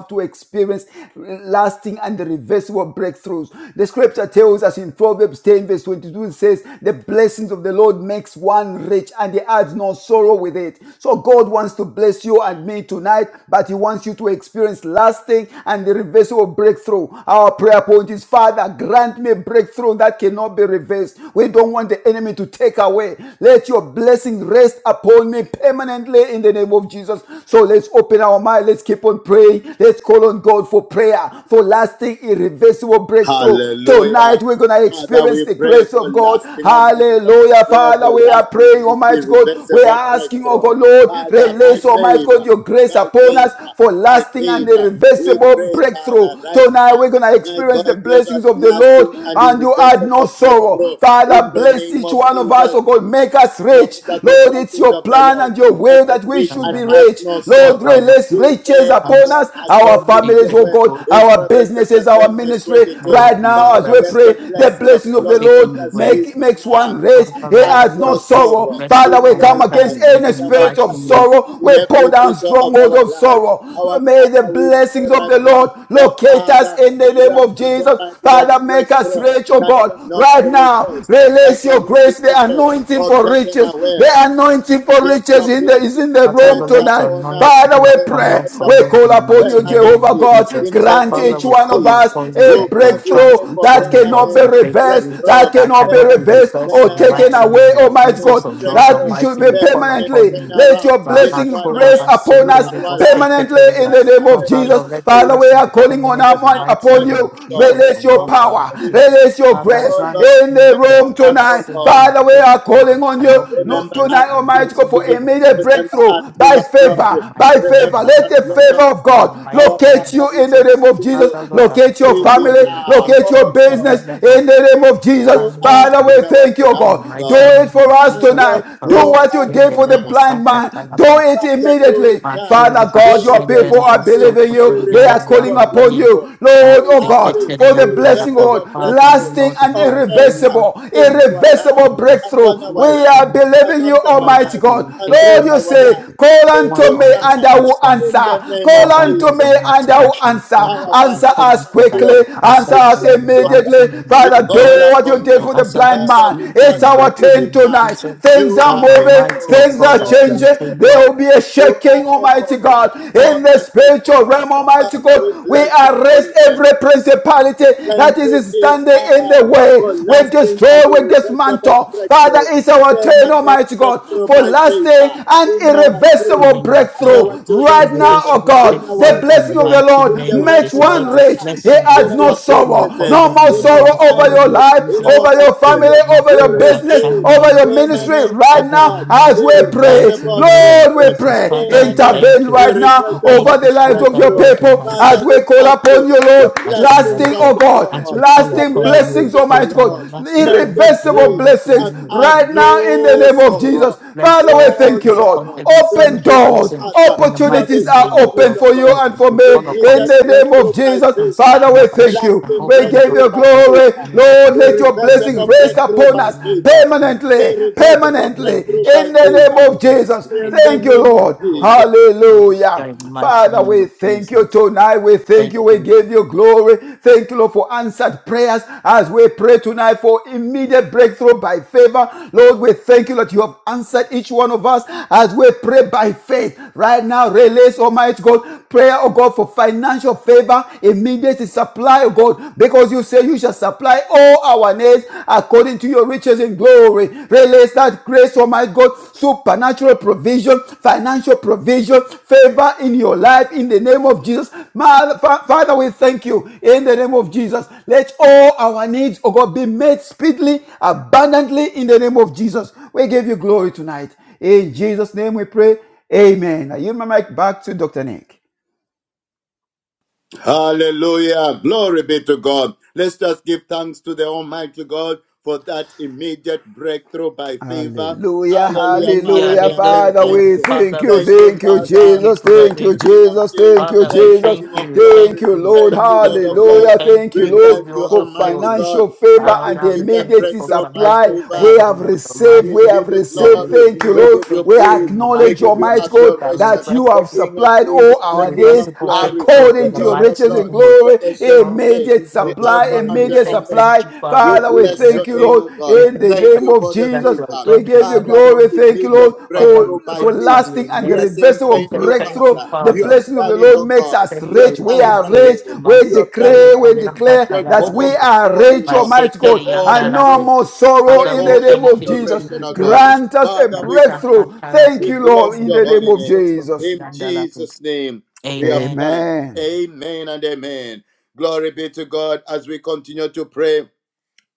to experience lasting and reversible breakthroughs. The scripture tells us in Proverbs 10 verse 22 it says, the blessings of the Lord makes one rich and he adds no sorrow with it. So God wants to bless you and me tonight, but he wants you to experience lasting and reversible breakthrough. Our prayer point is, Father, grant me a breakthrough that cannot be reversed. We don't want the enemy to take away. Let your blessing rest upon me permanently in the name of Jesus. So let's open our mind. Let's keep on praying. Let's call on God for prayer, for lasting, irreversible breakthrough. Tonight Hallelujah. we're going to Father, experience we the pray grace for of God. lasting, Almighty God. Hallelujah. Prayer Father, for we are lasting praying, and Almighty God. We irreversible are asking, oh breakthrough. God, Lord, Father, by release, Almighty God, favor, your grace by upon favor, us for by lasting and favor. We irreversible pray, Father, breakthrough. right Tonight now. we're going to My experience the God, give us blessings of the Lord lasting and and you add no irreversible sorrow. breakthrough in Father, the bless name each of one of us, Jesus oh God. Make us knowing rich. that the Lord, it's blessings your of the plan Lord and your make will us that we rich should and be Shanda Rabba. add rich. no Lord, Father, sorrow. Lord, release We riches pray, oh upon thanks. God, us us, our according to Be families, your oh word God, faithful in that our Proverbs businesses, chapter our 10, verse ministry. that 22. cannot Right be now, Father, as we let reversed. pray, the the blessing of blessings the for of the Lord make taking Lord us away. rich make makes now one rich. and Father, He Lord, add let has no no your sorrow. blessing sorrow rest Father, in we upon our me, come against life, family, any in in the our spirit mighty of name families, sorrow. in We pull every down detail of strongholds our of life. sorrow. Our May the Father, we pray blessings of right the now Lord the locate us Father in the name grant of us, Jesus. Almighty God, Father, make us breakthrough rich, oh that God. cannot be Right now, reversed, that release your cannot be grace, the reversed anointing or for taken riches. The away. anointing for Yet riches your in the, is blessing in the Father, thou the room rest elect are tonight. upon anointed us, to Father, be we rest, upon pray. rest us, O We upon Lord, call us in the upon mighty you, Jehovah name permanently of God. Jesus. in the Grant Father, name each we of one of call us Jesus. upon you a that Oh you God, will we grant pray breakthrough for each that one of cannot us be permanent a breakthrough reversed, that breakthrough, that cannot be cannot be permanent reversed reversed or in the taken mighty turnaround, away, name of Almighty permanent Jesus, God. O Lord That breakthrough, should Almighty. be We call permanent permanently. upon you. Let turnaround your in Father, blessing our Kora, rest lives, upon through us Bashindere, our lives. permanently in Bosekekeria. Right the now, name in of Father, the name Jesus. Lord, of let the Father, Jesus we blessing are be Christ, calling on permanent the our in the mind Son of mighty upon the name of Living you. God. Jesus, O Release your Our Lord power. Father, we Almighty. pray. Release your Father, grace Oh Lord, grant in me the a remember room us, oh tonight. blessing, God. a Father, we are breakthrough that calling on on cannot you. be Look Remember reversed us, tonight, in the the King Almighty of mighty God, for name Kings. of immediate Jesus. Remember us, breakthrough King by of Jesus' name Glory. for favor, my by family, favor. my Remember Let little, us, the my Lord favor of of children, Lords. and God my Our children locate and Father, you we in are the name Jesus. of trusting Jesus. Ask you our Lord that the Locate your favor of even God family, will now. locate locate your every Oh single God, business member in of the the name of Show Jesus. family up Father, and we on of our thank you, family, behalf, in the oh God. Do mighty God. it name for of us My Jesus God, tonight. of Do God of show the what you up shame, did the for the rebel, now. blind Santa Mm. man. Do Calaba, it Father, do it immediately. now. Matthew, the Father God, We your need Bashem, a the people are rebel, lasting, so believing for the you. They young, are the calling rabbi, irreversible upon ye. breakthrough. you, God, A Lord, oh take it lasting, God, to the for the young, the blessing, rebel, Lord, irreversible Father, breakthrough lasting Lord, and of Almighty, favor everybody irreversible, in our life, irreversible and I say, upon breakthrough. We our all of life, are you for believing you, around the our Lord that Almighty life, you God. will and through Lord, you faithfully our hear say, the life. call Give unto one him me on this and now I will platform, answer. in the name Call of Father, unto Lord Jesus. me and Almighty, I will that you answer. respond to Our the Father, Answer we call us thank unto that you. quickly. you Answer answer We us them bless in the you. mighty God. immediately. name of We Father, Jesus. call do what you That upon did you you. for the answer blind them Father, man. we speedily in It's the trust you our mighty turn even name of tonight. now. Jesus. Things You are are God moving. Almighty, Things O able, Things God, are that more than you changing. change There will be able. a You are shaking, Almighty able, God. more In the than spiritual able. realm, Almighty Father, we God, we bless your arrest holy name. every principality Thank that you, is Jesus, standing in the way. for We lasting and destroy, we irreversible dismantle. Father, breakthrough, it's our turn, permanent Almighty God, breakthrough for by lasting favor and in our irreversible children name of and Jesus. our breakthrough children's right now, children, oh Irreversible God. in our The grateful in the blessing of families, the mighty Lord in the name of work makes Jesus. of one Let our the rich. hands, He blessing, your in adds no our blessing be sorrow. upon businesses, No them more in in the our sorrow mighty over your name of finances, life, in Jesus. our over your family, Mm, material. my over We your God, I business want righteousness receive Shanda over and your the ministry words permanent, oh right Over the now God, as we ministry in the pray. mighty irreversible name of Lord, we breakthrough, Jesus. pray. Father, we permanent, Intervene thank you. right now We over thank irreversible you, the lives of Father, your breakthrough. Lord people as Almighty. Father, we we call thank upon you you, Lord. the blessings Lasting, of Ashandarabo. oh the God, As Lord, we call the lasting upon you, blessings blessings, of the Almighty Father, God, Lord and lasting make it presence in the irreversible rich mighty blessings and name of add right Jesus. now in the no name We of Thank you. sorrow. Jesus. Bless Father, you, we look at No thank you, you, Lord. upon sorrow. every From Open single today, doors, person Father, in the you have opportunities mighty are name of open established, oh for Jesus. you God, and Jesus, for we me call upon in immediate the name breakthrough of by Jesus. us, favor, Father, we thank Calabash, and you. lasting We open give door. breakthrough you by Lord, glory. favor, and it is Lord, in let your blessings irreversible the rest mighty breakthrough upon by us name favor, of Jesus. permanently, We irreversible pray permanently that we breakthrough should by in stay the in favor name the of rest Jesus. of it, in the and Thank you, name of Lord. Jesus. Hallelujah. in the mighty Father, name we of thank you Jesus. tonight. We thank Thank you. We you, give you glory. Thank you, Lord, for answered prayers as we pray tonight for immediate breakthrough by favor. Lord, we thank you that you have answered each one of us as we pray by faith. Right now, release, Almighty God, prayer, oh God, for financial favor, immediate supply, oh God, because you say you shall supply all our needs according according to your riches in glory. Release that grace, oh my God, supernatural provision, financial provision, favor in your life in the name of Jesus. Father, we thank you in the name of Jesus. Let all our needs, oh God, be met speedily, abundantly in the name of Jesus. We give you glory tonight. In Jesus' name we pray. Amen. I yield my mic back to Dr. Nick. Hallelujah. Glory be to God. Let's just give thanks to the Almighty God for that immediate breakthrough by favor. Hallelujah, Hallelujah. Father, Hallelujah, hallelujah, we are saying Father, thank hallelujah. we you. thank Father, you, we Thank thank you, thank you, you, we give Father. you Jesus, Thank thank you, glory. you, King of Jesus, Kings. thank you, Father, we Thank you, Jesus, thank King of you, we thank thank Glory. you, you, we Lord, Thank thank you, you, Lord of Lord. We Lords. hallelujah, thank thank you, you, We we give thank Lord, you you, all the for Almighty glory. God, financial favor for and the Father, we immediate thank you immediate for breakthrough by supply financial we favor. favor, have Lord received, We we Almighty. have give you We have received, glory. thank you, received We our Lord, give you faith, we so praise. in the We acknowledge, mighty give we you Almighty God, receive our adoration. that you request The have King of supplied Kings, all the our King needs of irreversible Glory, breakthrough in the according the to your Lord of mighty riches and Lords, name of the Jesus. glory, Ancient God, of the Days, immediate people the of the supply, Alpha glory, and we the immediate say thank supply. Omega. you, We Father, Father, for we your bless thank your you, mercy. name, Lord, O We God. in thank the you Thank for name you of for everything the that Jesus. you have favor. We done in give the you Father, mighty for glory. name of Thank you, Jesus. immediate Lord, Father, for, breakthrough we by for glorify favor. your lasting and the We are name. saying reversal We of thank say you, thank breakthrough. you, Father. The You Father. have blessing of Thank the done it, you. Lord oh makes God. us Thank You have rich. you. We done it Thank are you. rich. again. We You Master, have done it Father, declare. by we your again. declare Take Katara, that by we all the you. are glory, rich, My Lord. Almighty God, Take Secretary, all Yanda, the and no praise, Rabo. more Lord. sorrow Take Father, in we the all the name thank of you. We Jesus. give adoration, you O God. glory. Grant us a Father, we Master, thank you. breakthrough. Katara, by Thank We you. you, Lord, bless We in your the make name holy it of name. so, so, the Jesus. In Yanda, Rabo. Jesus' name, we have Amen. thanked. Amen. Amen and amen. Glory be to God as we continue to pray.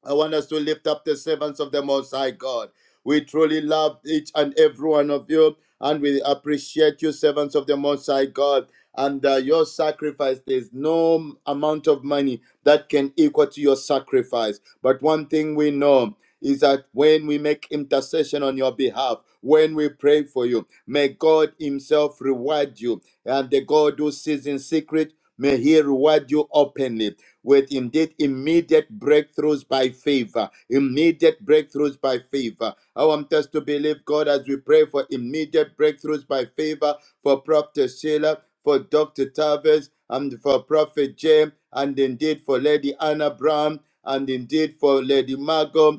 I want us to lift up the servants of the Most High God. We truly love each and every one of you, and we appreciate you, servants of the Most High God. And uh, your sacrifice, there's no amount of money that can equal to your sacrifice. But one thing we know is that when we make intercession on your behalf, when we pray for you, may God Himself reward you. And the God who sees in secret, may He reward you openly with indeed immediate breakthroughs by favor. Immediate breakthroughs by favor. I want us to believe God as we pray for immediate breakthroughs by favor for Prophet Sheila, for Dr. Tavis, and for Prophet James, and indeed for Lady Anna Brown, and indeed for Lady Margot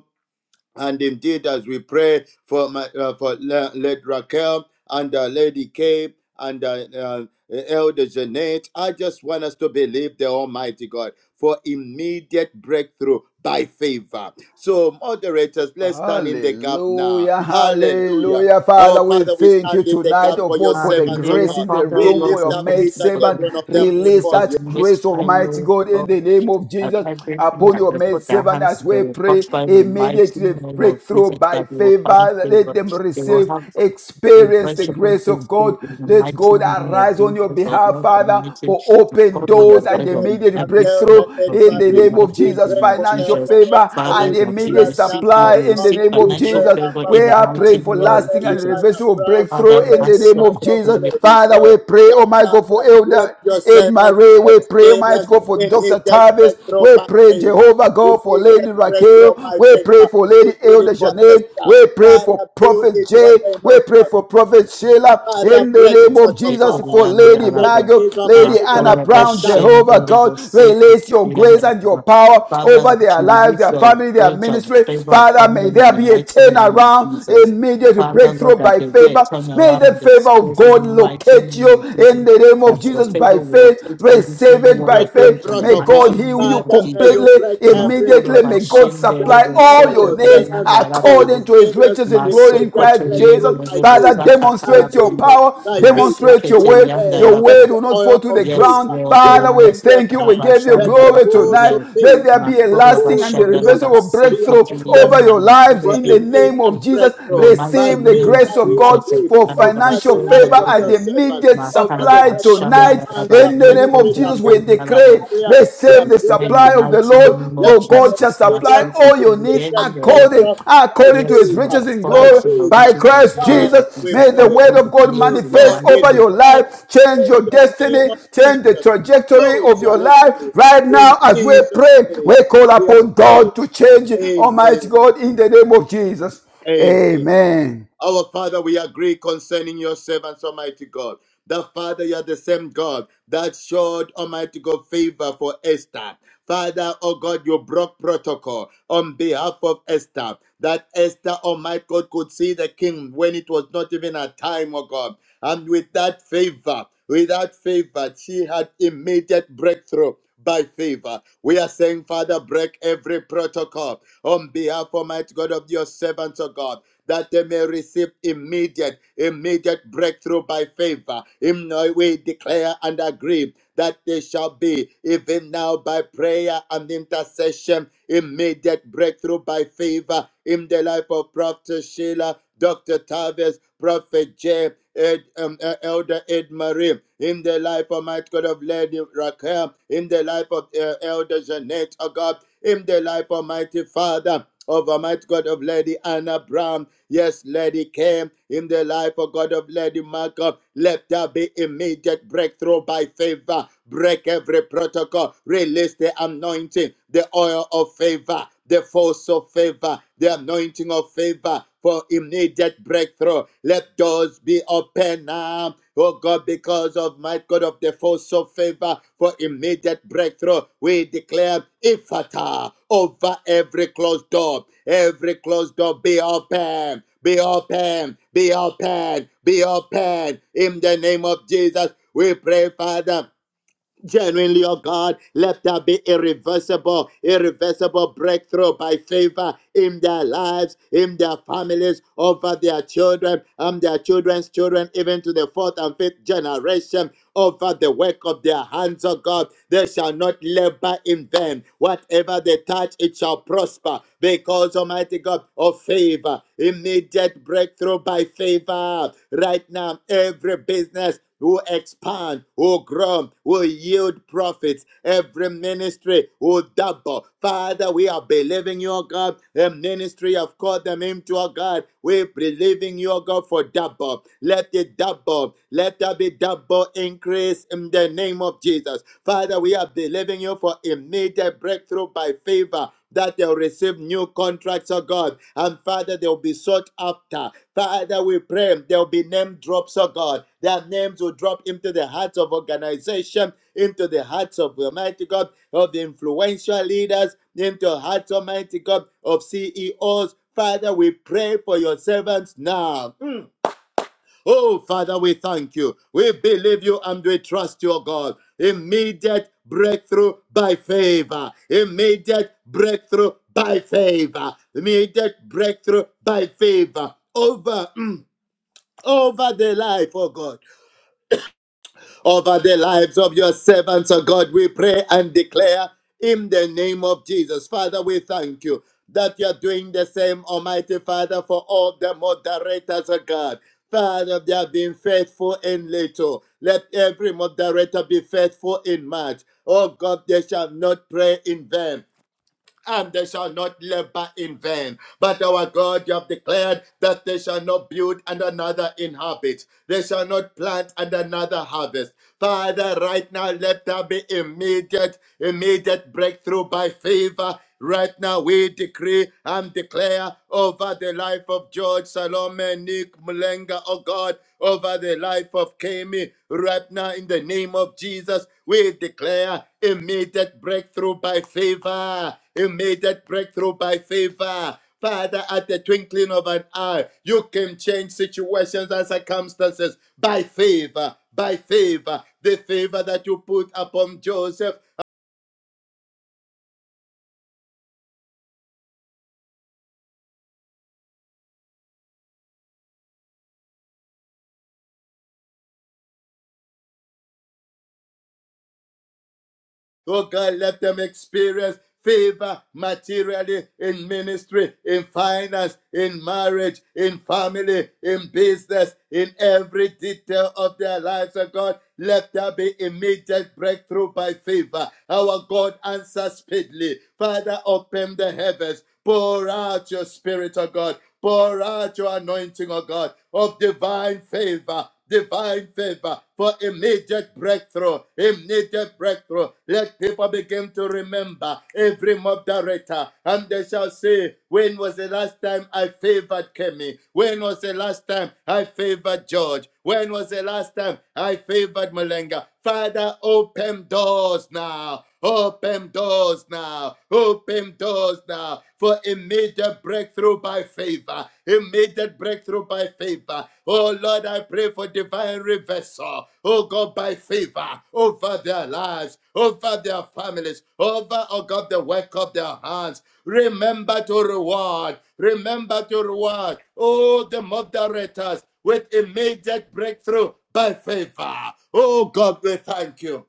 and indeed, as we pray for my, uh, for La- Lady Raquel and uh, Lady Kay and uh, uh, Elder Jeanette, I just want us to believe the Almighty God for immediate breakthrough by favor. So, moderators, let's stand in the gap now. Hallelujah, Hallelujah. hallelujah. Father, Our we Father, we thank you stand in the tonight, gap oh for your God, for the servants, of grace Hallelujah. God. in the Father, We room Lord, for lift your we up maid thank each you and for servant. every the one of them Release service before of you. that the Most grace, High Almighty Lord, God, in Lord, the name of and Jesus, everything upon that your they maid put their servant hands as to, they we will pray. prosper in the mighty Immediately name of breakthrough Jesus, by that we will find favor. Let favor. them They will receive, have experience the reversible grace of God. breakthrough in the Let mighty God name of arise on your Jesus, O behalf, Lord Father, Almighty. for That open God will Elder doors and arise Jeanette on immediate and every single Elder breakthrough Ed one of in you the in the Marie. name of We mighty Jesus, pray name of for financial Jesus. Elder Ed favor and Father, Marie that you immediate right now, receive, you supply oh in God. the receive name of We financial pray, Jesus. favor Abba We in the are Father, praying mighty for for name of lasting Lady and Jesus. Anna reversible Brown, Father, for breakthrough in the Lady name of Masoko, Margot, Jesus. for Lady Father, Kay. we pray, oh The my God, for Father, let Elder your Ed servants Marie. We pray, oh my experience God, for Dr. immediate Tavis. breakthrough We by pray, favor. Jehovah God, for Lady Immediate breakthrough Raquel. by We pray favor. for Lady You did Elder it for Janet. Esther. We pray for Father, do Prophet it for Jay. them, We oh pray God. for Prophet Prophet Sheila, Father, in the break name of Jesus, protocol for Lady in the Yandarabo, Margot, days, Lady Almighty God Anna of Makora, Brown, Esther Bashem, Jehovah Dorebo, God, Seto, release your grace and your Yandarabo. power Father, over that their you lives, release their your family, their grace of ministry. favor Father, upon may them in there the be a mighty name of turnaround, Jesus. immediate Father, breakthrough Lord, that by there be a favor. May turnaround the in the favor of space in the God mighty locate name you of in Jesus. the name of That your Jesus by favor will faith. locate every Receive single it one by of breaking them faith. in the May God mighty protocol. heal name you of Father, may you Jesus. completely, break every Makora, immediately. May God protocol Bashem, that, supply Dorebo, all Father, your Seto, your needs servants may according Yandarabo, to his experience riches in glory in immediate Christ Masokotorian breakthrough Jesus. by Rebo Father, favor, by demonstrate your Sakatarabayu. favor, power, by favor. demonstrate your We word. Maseketelian pray, Your let Dalabo. word the will not fall oil to of the Yes, ground. favor Lord be Father, we upon Almighty them thank you. We now. give you Let Darabashan the glory force tonight. of Dalabaye. Let there favor, be a the Makoro lasting force and Bashan of irreversible favor be breakthrough upon Dalabaseketelian them over your now. lives for in a the Dalabaye. name major of Jesus. In the breakthrough. mighty By Receive the name favor, grace of of we God Jesus, agree for over financial the Darabashan lives favor of and your Dalabaye. servants, immediate over the supply work of Makarabashan their tonight hands, In their in the Dalabaye. name of ministry, their Jesus, we Ketelian business, their decree, Dalabo. career, I their receive the declare in children, the supply their of the mighty family. Lord, name Let of for them God shall Jesus, supply experience all your needs immediate Masokotorian Rebo. according, breakthrough by according to Yes, his favor, Lord, riches our in by Father, glory King of by favor. riches and Christ glory Father, that can Jesus. we May the supply pray. word all of the God Dear needs in manifest God, we over mighty your declare life, change your in the name destiny, of change the Jesus, trajectory so of your shall it life. be. Right In now, as we Jesus' pray, name, we call we have upon prayed. God to change, Almighty Amen. God, in the name of Jesus. Amen. Amen. Our Father, we agree concerning your servants, Almighty God. That Father, you are the same God that showed Almighty God favor for Esther. Father, oh God, you broke protocol on behalf of Esther. That Esther, Almighty God, could see the king when it was not even a time, oh God. And with that favor, without favor, she had immediate breakthrough by favor. We are saying, Father, break every protocol on behalf, Almighty God, of your servants, oh God that they may receive immediate, immediate breakthrough by favor. In no way declare and agree that they shall be, even now by prayer and intercession, immediate breakthrough by favor in the life of Prophet Sheila, Dr. Tavis, Prophet Jay, Ed, um, uh, Elder Ed Marie, in the life of my God of Lady Raquel, in the life of uh, Elder Jeanette, oh God, in the life of Mighty Father of Almighty God of Lady Anna Brown. Yes, Lady came in the life of God of Lady Malcolm. Let there be immediate breakthrough by favor. Break every protocol. Release the anointing, the oil of favor, the force of favor, the anointing of favor for immediate breakthrough. Let doors be open now. Oh God, because of my God of the force of favor for immediate breakthrough, we declare ifata over every closed door. Every closed door be open, be open, be open, be open. In the name of Jesus, we pray, Father. Genuinely, oh God, let there be irreversible, irreversible breakthrough by favor in their lives, in their families, over their children, and their children's children, even to the fourth and fifth generation, over the work of their hands, oh God. They shall not labor in vain. Whatever they touch, it shall prosper, because Almighty God, of favor, immediate breakthrough by favor. Right now, every business will expand, will grow, will yield profits. Every ministry will double. Father, we are believing you, oh God. The ministry I've called them into, oh God. We are believing you, oh God, for double. Let it double. Let there be double increase in the name of Jesus. Father, we are believing you for immediate breakthrough by favor that they'll receive new contracts, oh God. And Father, they'll be sought after. Father, we pray there'll be name drops, oh God. Their names will drop into the hearts of organization, into the hearts of Almighty God, of the influential leaders, into the hearts, Almighty God, of CEOs. Father, we pray for your servants now. Oh, Father, we thank you. We believe you and we trust you, oh God. Immediate breakthrough by favor. Immediate breakthrough by favor. Immediate breakthrough by favor. Over, mm, over the life, oh God over the lives of your servants, O God. We pray and declare in the name of Jesus. Father, we thank you that you're doing the same, Almighty Father, for all the moderators, O God. Father, they have been faithful in little. Let every moderator be faithful in much. Oh God, they shall not pray in vain and they shall not labor in vain. But our God, you have declared that they shall not build and another inhabit, they shall not plant and another harvest. Father, right now, let there be immediate, immediate breakthrough by favor. Right now, we decree and declare over the life of George Salome Nick Mulenga Africa, oh God, over the life of Kemi. Right now, in the name of Jesus, we declare immediate breakthrough by favor, immediate breakthrough by favor. Father, at the twinkling of an eye, you can change situations and circumstances by favor, by favor, the favor that you put upon Joseph Oh God, let them experience favor materially in ministry, in finance, in marriage, in family, in business, in every detail of their lives, oh God. Let there be immediate breakthrough by favor. Our God, answer speedily. Father, open the heavens. Pour out your spirit, O God. Pour out your anointing, oh God, of divine favor. Divine favor for immediate breakthrough, immediate breakthrough. Let people begin to remember every mob director, and they shall say, When was the last time I favored Kemi? When was the last time I favored George? When was the last time I favored Malenga? Father, open doors now. Open doors now. Open doors now for immediate breakthrough by favor. Immediate breakthrough by favor. Oh Lord, I pray for divine reversal. Oh God, by favor over their lives, over their families, over, oh God, the work of their hands. Remember to reward. Remember to reward. Oh, the moderators with immediate breakthrough by favor. Oh God, we thank you.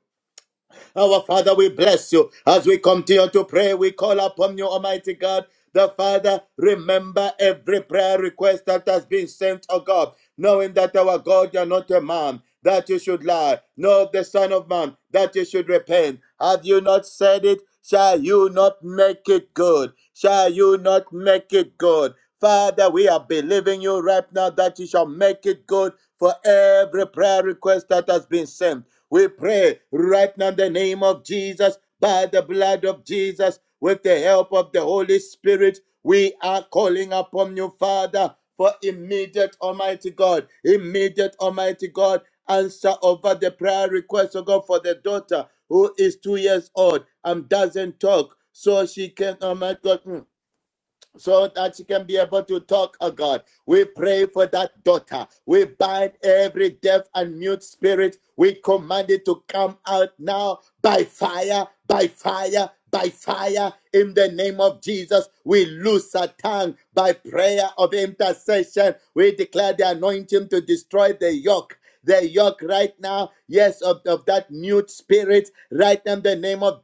Our Father, we bless you. As we continue to pray, we call upon you, Almighty God. The Father, remember every prayer request that has been sent, O God, knowing that our God, you're not a man, that you should lie, nor the Son of Man, that you should repent. Have you not said it? Shall you not make it good? Shall you not make it good? Father, we are believing you right now that you shall make it good for every prayer request that has been sent. We pray right now in the name of Jesus, by the blood of Jesus, with the help of the Holy Spirit. We are calling upon you, Father, for immediate, Almighty God, immediate, Almighty God, answer over the prayer request, oh God, for the daughter who is two years old and doesn't talk. So she can, Almighty my God. mm, so that she can be able to talk, oh God. We pray for that daughter. We bind every deaf and mute spirit. We command it to come out now by fire, by fire, by fire. In the name of Jesus, we loose her tongue by prayer of intercession. We declare the anointing to destroy the yoke the yoke right now, yes, of, of that mute spirit, right in the name of Jesus.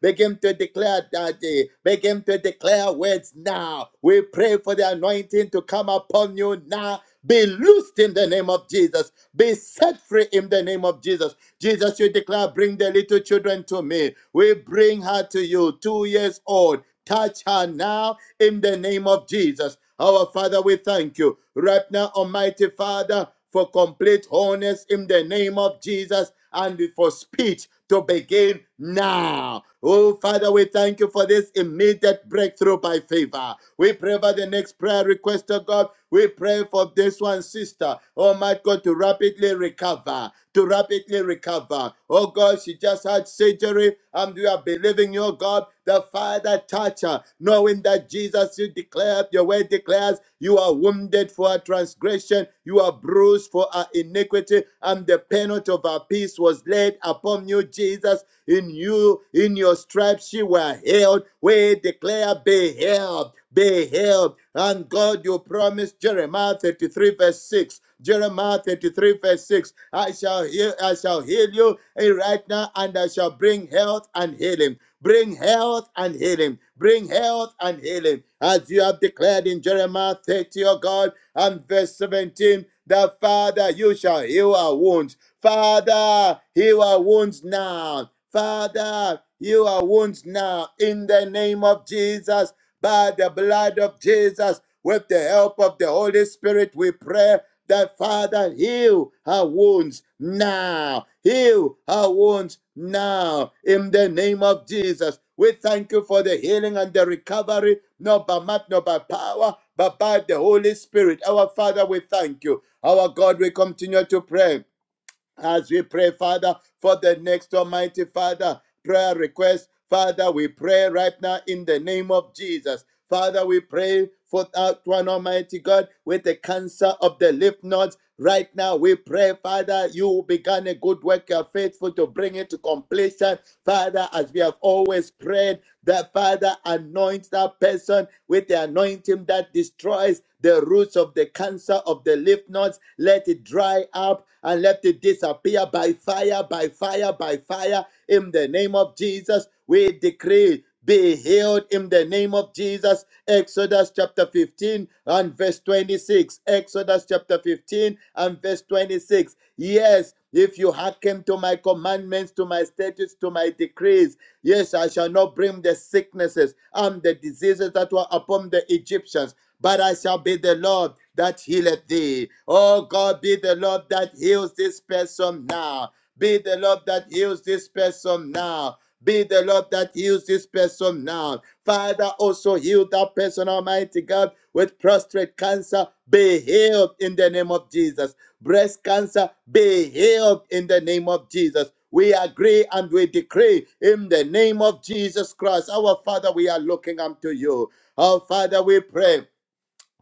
Begin to declare, Daddy. Begin to declare words now. We pray for the anointing to come upon you now. Be loosed in the name of Jesus. Be set free in the name of Jesus. Jesus, you declare, bring the little children to me. We bring her to you, two years old. Touch her now in the name of Jesus. Our Father, we thank you. Right now, Almighty Father, for complete wholeness in the name of Jesus and for speech to begin now. Oh, Father, we thank you for this immediate breakthrough by favor. We pray for the next prayer request of God. We pray for this one, sister. Oh, my God, to rapidly recover, to rapidly recover. Oh, God, she just had surgery and we are believing your God the Father touch her, knowing that Jesus, you declare, your word declares, you are wounded for our transgression, you are bruised for our iniquity, and the penalty of our peace was laid upon you, Jesus. In you, in your stripes, you were healed. We declare, be healed, be healed. And God, you promised Jeremiah 33, verse 6. Jeremiah 33, verse 6. I shall heal, I shall heal you eh, right now, and I shall bring health and healing. Bring health and healing. Bring health and healing. As you have declared in Jeremiah 30, O God, and verse 17, that Father, you shall heal our wounds. Father, heal our wounds now. Father, heal our wounds now. In the name of Jesus, by the blood of Jesus, with the help of the Holy Spirit, we pray that Father, heal her wounds now. Heal her wounds now. In the name of Jesus, we thank you for the healing and the recovery, not by might, not by power, but by the Holy Spirit. Our Father, we thank you. Our God, we continue to pray as we pray, Father, for the next Almighty Father prayer request. Father, we pray right now in the name of Jesus. Father, we pray for that one Almighty God with the cancer of the lymph nodes. Right now, we pray, Father, you began a good work, you are faithful to bring it to completion. Father, as we have always prayed, that Father anoints that person with the anointing that destroys the roots of the cancer of the lymph nodes us. Let it dry up and let it disappear by fire, by fire, by fire. In the name of Jesus, we decree be healed in the name of Jesus. Exodus chapter 15 and verse 26. Exodus chapter 15 and verse 26. Yes, if you hearken to my commandments, to my statutes, to my decrees, yes, I shall not bring the sicknesses and the diseases that were upon the Egyptians, but I shall be the Lord that healeth thee. Oh God, be the Lord that heals this person now. Be the Lord that heals this person now. Be the Lord that heals this person now. Father, also heal that person, Almighty God, with prostate cancer. Be healed in the name of Jesus. Breast cancer, be healed in the name of Jesus. We agree and we decree in the name of Jesus Christ. Our Father, we are looking unto you. Our Father, we pray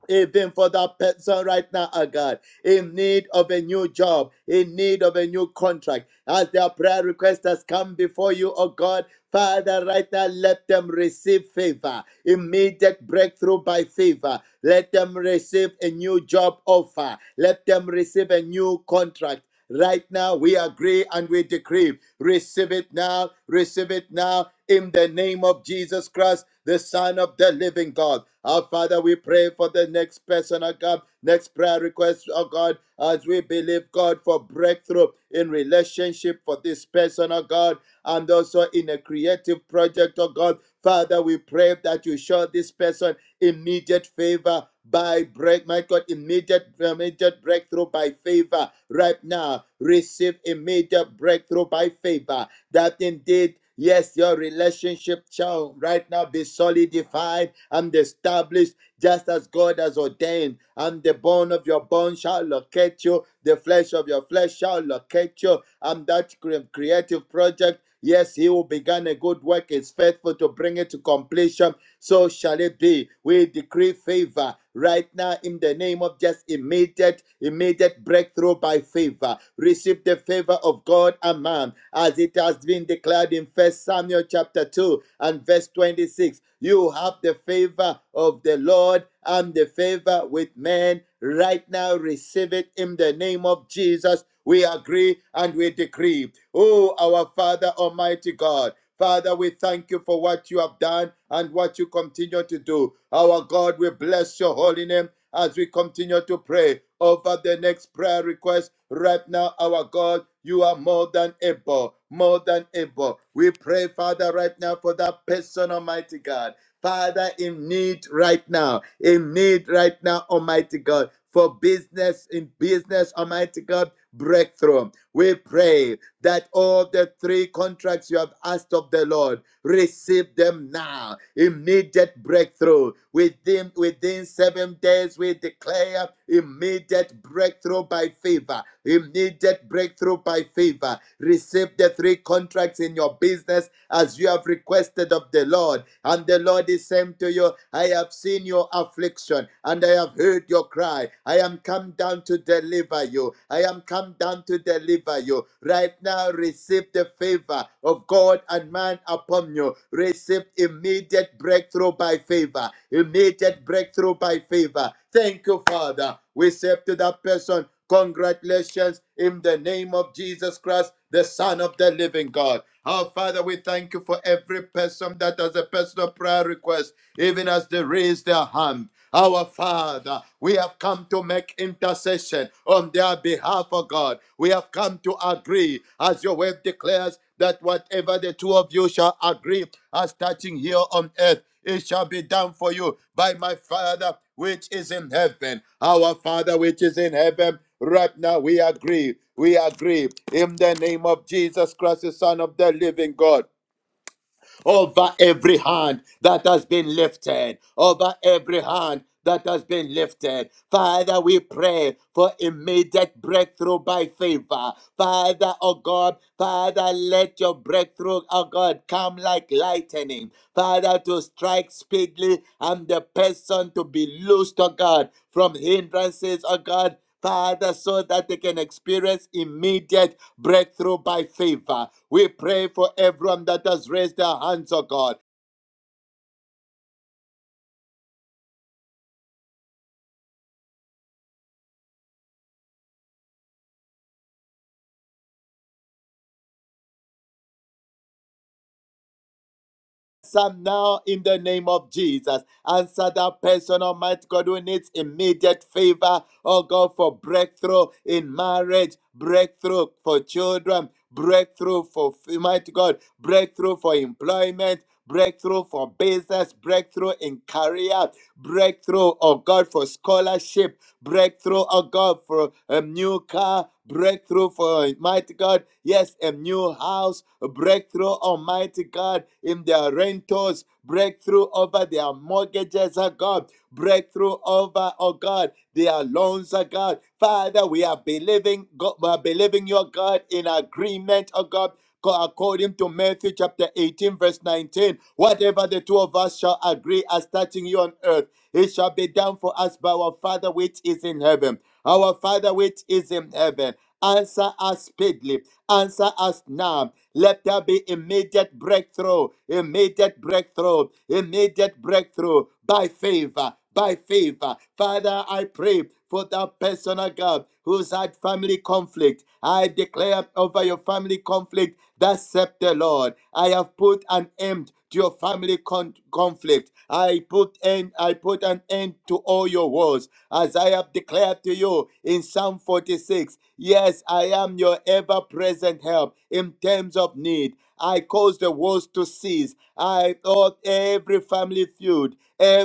even for that person right now, oh God, in need of a new job, in need of a new contract. As their prayer request has come before you, oh God, Father, right now, let them receive favor, immediate breakthrough by favor. Let them receive a new job offer. Let them receive a new contract. Right now, we agree and we decree. Receive it now, receive it now, in the name of Jesus Christ, the Son of the living God. Our Father, we pray for the next person, oh God, next prayer request, oh God, as we believe, God, for breakthrough in relationship for this person, oh God, and also in a creative project, oh God. Father, we pray that you show this person immediate favor by break, my God, immediate, immediate breakthrough by favor right now. Receive immediate breakthrough by favor. That indeed, yes, your relationship shall right now be solidified and established just as God has ordained. And the bone of your bone shall locate you, the flesh of your flesh shall locate you, and that creative project. Yes, he who began a good work is faithful to bring it to completion. So shall it be. We decree favor right now in the name of just immediate, immediate breakthrough by favor. Receive the favor of God and man, as it has been declared in First Samuel chapter 2 and verse 26. You have the favor of the Lord and the favor with men. Right now, receive it in the name of Jesus. We agree and we decree. Oh, our Father, Almighty God. Father, we thank you for what you have done and what you continue to do. Our God, we bless your holy name as we continue to pray over the next prayer request. Right now, our God, you are more than able, more than able. We pray, Father, right now for that person, Almighty God. Father, in need right now, in need right now, Almighty God, for business, in business, Almighty God, breakthrough. We pray that all the three contracts you have asked of the Lord, Receive them now. Immediate breakthrough. Within within seven days, we declare immediate breakthrough by favor. Immediate breakthrough by favor. Receive the three contracts in your business as you have requested of the Lord. And the Lord is saying to you, I have seen your affliction and I have heard your cry. I am come down to deliver you. I am come down down to deliver you. Right now, receive the favor of God and man upon you. Receive immediate breakthrough by favor. Immediate breakthrough by favor. Thank you, Father. We say to that person, Congratulations in the name of Jesus Christ, the Son of the Living God. Our Father, we thank you for every person that has a personal prayer request, even as they raise their hand come. Our Father, we have come to make intercession on their behalf, of God. We have come to agree, as your word declares, that whatever the two of you shall agree as touching here on earth, it shall be done for you by my Father which is in heaven. Our Father which is in heaven, right now we agree. We agree in the name of Jesus Christ, the Son of the living God over every hand that has been lifted, over every hand that has been lifted. Father, we pray for immediate breakthrough by favor. Father, oh God, Father, let your breakthrough, oh God, come like lightning. Father, to strike speedily and the person to be loosed, oh God, from hindrances, oh God, Father, so that they can experience immediate breakthrough by favor. We pray for everyone that has raised their hands, oh God. Some now in the name of Jesus. Answer that person, Almighty God, who needs immediate favor, oh God, for breakthrough in marriage, breakthrough for children, breakthrough for, Almighty God, breakthrough for employment, breakthrough for business, breakthrough in career, breakthrough, oh God, for scholarship, breakthrough, oh God, for a new car, breakthrough for mighty God, yes, a new house, a breakthrough, Almighty God, in their rentals, breakthrough over their mortgages, oh God, breakthrough over, oh God, their loans, oh God. Father, we are believing, God, we are believing your God in agreement, oh God according to Matthew chapter 18, verse 19. Whatever the two of us shall agree as touching you on earth, it shall be done for us by our Father which is in heaven. Our Father which is in heaven. Answer us speedily. Answer us now. Let there be immediate breakthrough, immediate breakthrough, immediate breakthrough by favor, by faith. Uh, Father, I pray for that personal God who's had family conflict. I declare over your family conflict that scepter, Lord. I have put an end to your family con- conflict. I put end, I put an end to all your wars, as I have declared to you in Psalm 46. Yes, I am your ever-present help in times of need. I cause the wars to cease. I thought every family feud,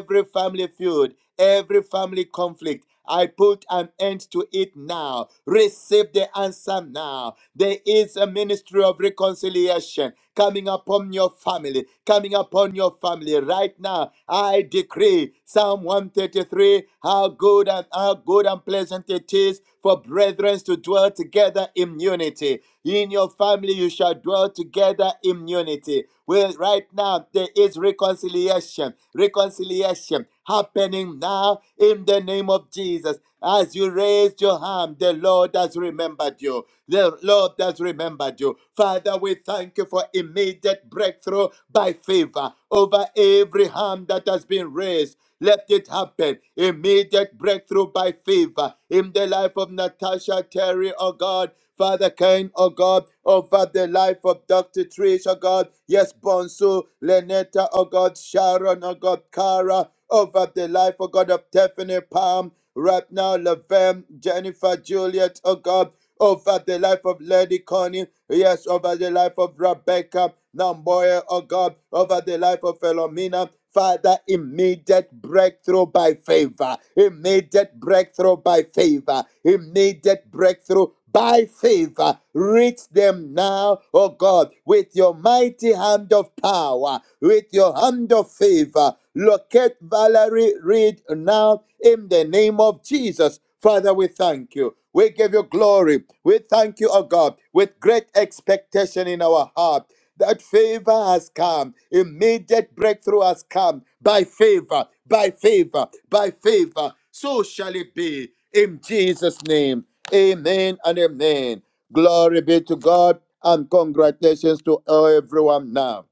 every family feud, every family conflict. I put an end to it now. Receive the answer now. There is a ministry of reconciliation coming upon your family, coming upon your family right now. I decree Psalm 133 how good and how good and pleasant it is for brethren to dwell together in unity. In your family, you shall dwell together in unity. Well, right now, there is reconciliation reconciliation happening now in the name of Jesus. As you raised your hand, the Lord has remembered you. The Lord has remembered you. Father, we thank you for immediate breakthrough by favor over every hand that has been raised. Let it happen. Immediate breakthrough by favor in the life of Natasha Terry, oh God. Father Cain, oh God, over the life of Dr. Trish, oh God, yes, Bonsu, Lenetta, oh God, Sharon, oh God, Cara, over the life, oh God, of Tiffany Palm, right now, Lavem, Jennifer, Juliet, oh God, over the life of Lady Connie, yes, over the life of Rebecca, Namboya, oh God, over the life of Philomena, Father, immediate breakthrough by favor, immediate breakthrough by favor, immediate breakthrough by favor. Reach them now, oh God, with your mighty hand of power, with your hand of favor. Locate Valerie Reed now in the name of Jesus. Father, we thank you. We give you glory. We thank you, oh God, with great expectation in our heart that favor has come. Immediate breakthrough has come by favor, by favor, by favor. So shall it be in Jesus' name. Amen and amen. Glory be to God and congratulations to everyone now.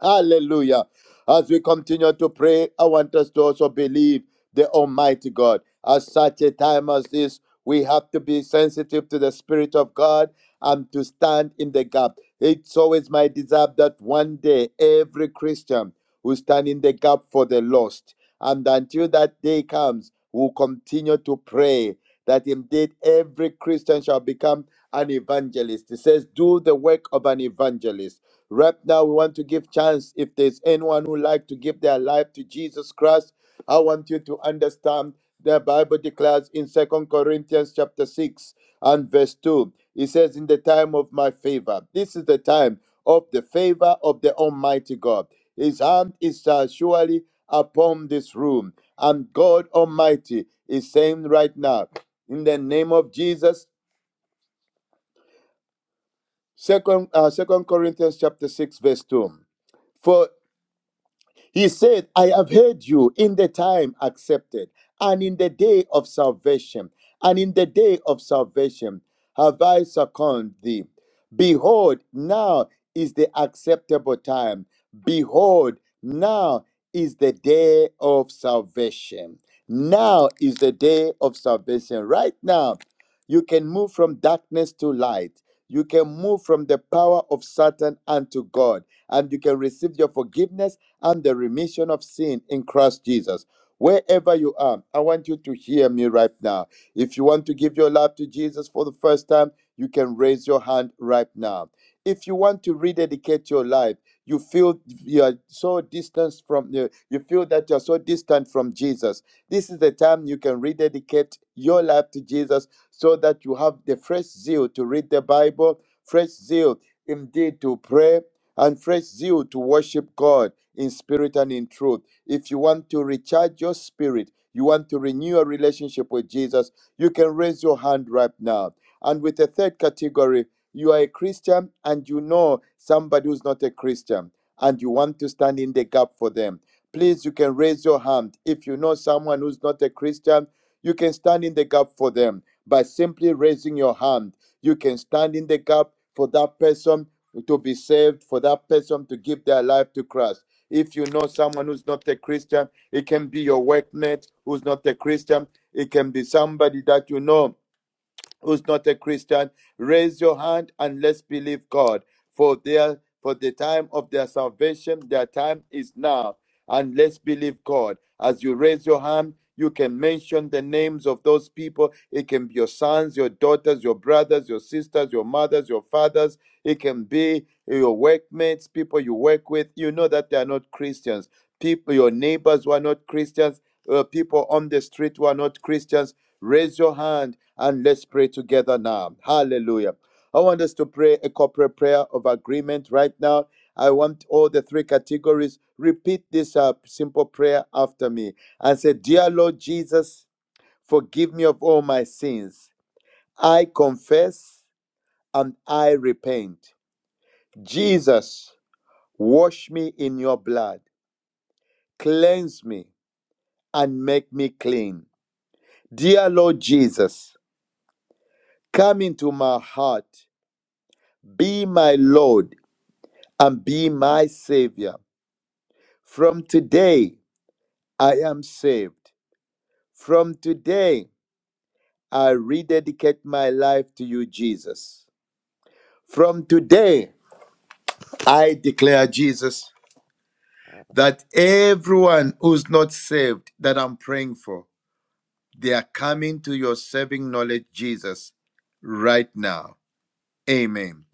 Hallelujah. As we continue to pray, I want us to also believe the Almighty God. At such a time as this, we have to be sensitive to the Spirit of God and to stand in the gap. It's always my desire that one day every Christian will stand in the gap for the lost. And until that day comes, we'll continue to pray that indeed every Christian shall become an evangelist. It says, do the work of an evangelist. Right now, we want to give chance. If there's anyone who like to give their life to Jesus Christ, I want you to understand the Bible declares in Second Corinthians chapter 6 and verse 2. It says, In the time of my favor. This is the time of the favor of the Almighty God. His hand is uh, surely upon this room. And God Almighty is saying right now, in the name of Jesus, second, uh, second Corinthians chapter 6, verse 2. for. He said, I have heard you in the time accepted and in the day of salvation, and in the day of salvation have I seconded thee. Behold, now is the acceptable time. Behold, now is the day of salvation. Now is the day of salvation. Right now, you can move from darkness to light you can move from the power of Satan unto God, and you can receive your forgiveness and the remission of sin in Christ Jesus. Wherever you are, I want you to hear me right now. If you want to give your life to Jesus for the first time, you can raise your hand right now. If you want to rededicate your life, you feel you are so distant from you you feel that you are so distant from Jesus. This is the time you can rededicate your life to Jesus so that you have the fresh zeal to read the Bible, fresh zeal indeed to pray, and fresh zeal to worship God in spirit and in truth. If you want to recharge your spirit, you want to renew a relationship with Jesus, you can raise your hand right now. And with the third category, you are a Christian and you know somebody who's not a Christian and you want to stand in the gap for them please you can raise your hand if you know someone who's not a christian you can stand in the gap for them by simply raising your hand you can stand in the gap for that person to be saved for that person to give their life to christ if you know someone who's not a christian it can be your workmate who's not a christian it can be somebody that you know who's not a christian raise your hand and let's believe god for their for the time of their salvation their time is now and let's believe God. As you raise your hand, you can mention the names of those people. It can be your sons, your daughters, your brothers, your sisters, your mothers, your fathers. It can be your workmates, people you work with. You know that they are not Christians. People, your neighbors who are not Christians, uh, people on the street who are not Christians. Raise your hand and let's pray together now. Hallelujah. I want us to pray a corporate prayer of agreement right now. I want all the three categories. Repeat this uh, simple prayer after me and say, Dear Lord Jesus, forgive me of all my sins. I confess and I repent. Jesus, wash me in your blood, cleanse me, and make me clean. Dear Lord Jesus, come into my heart, be my Lord, and be my Savior. From today, I am saved. From today, I rededicate my life to you, Jesus. From today, I declare, Jesus, that everyone who's not saved that I'm praying for, they are coming to your saving knowledge, Jesus, right now. Amen.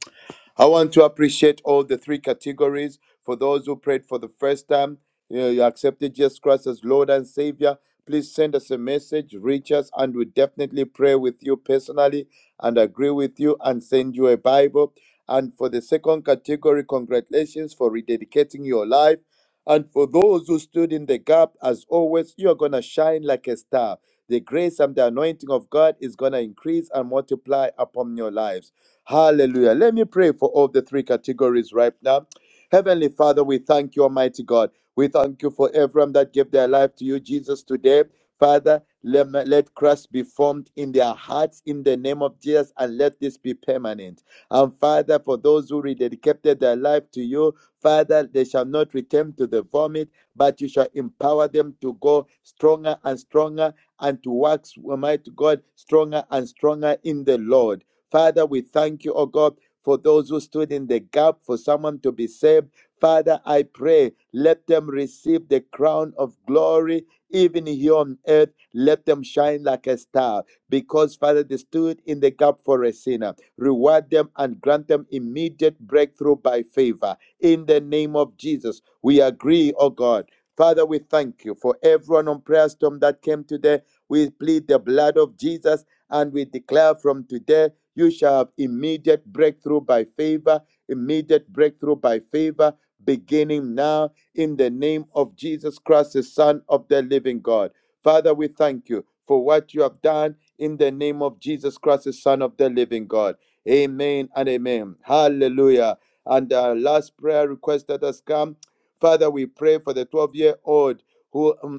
I want to appreciate all the three categories for those who prayed for the first time. You, know, you accepted Jesus Christ as Lord and Savior. Please send us a message, reach us, and we definitely pray with you personally and agree with you and send you a Bible. And for the second category, congratulations for rededicating your life. And for those who stood in the gap, as always, you are going to shine like a star. The grace and the anointing of God is going to increase and multiply upon your lives. Hallelujah. Let me pray for all the three categories right now. Heavenly Father, we thank you, Almighty God. We thank you for everyone that gave their life to you, Jesus, today. Father, let, let Christ be formed in their hearts in the name of Jesus and let this be permanent. And Father, for those who rededicated their life to you, Father, they shall not return to the vomit, but you shall empower them to go stronger and stronger and to wax, Almighty God, stronger and stronger in the Lord. Father, we thank you, oh God, for those who stood in the gap for someone to be saved. Father, I pray, let them receive the crown of glory, even here on earth. Let them shine like a star, because, Father, they stood in the gap for a sinner. Reward them and grant them immediate breakthrough by favor. In the name of Jesus, we agree, oh God. Father, we thank you for everyone on prayer storm that came today. We plead the blood of Jesus and we declare from today you shall have immediate breakthrough by favor, immediate breakthrough by favor, beginning now in the name of Jesus Christ, the Son of the living God. Father, we thank you for what you have done in the name of Jesus Christ, the Son of the living God. Amen and amen. Hallelujah. And our last prayer request that has come Father, we pray for the 12 year old. who. um,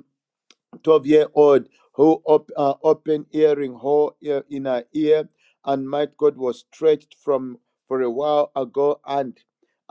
12 year old who op- uh, open earring hole ear- in her ear and my god was stretched from for a while ago and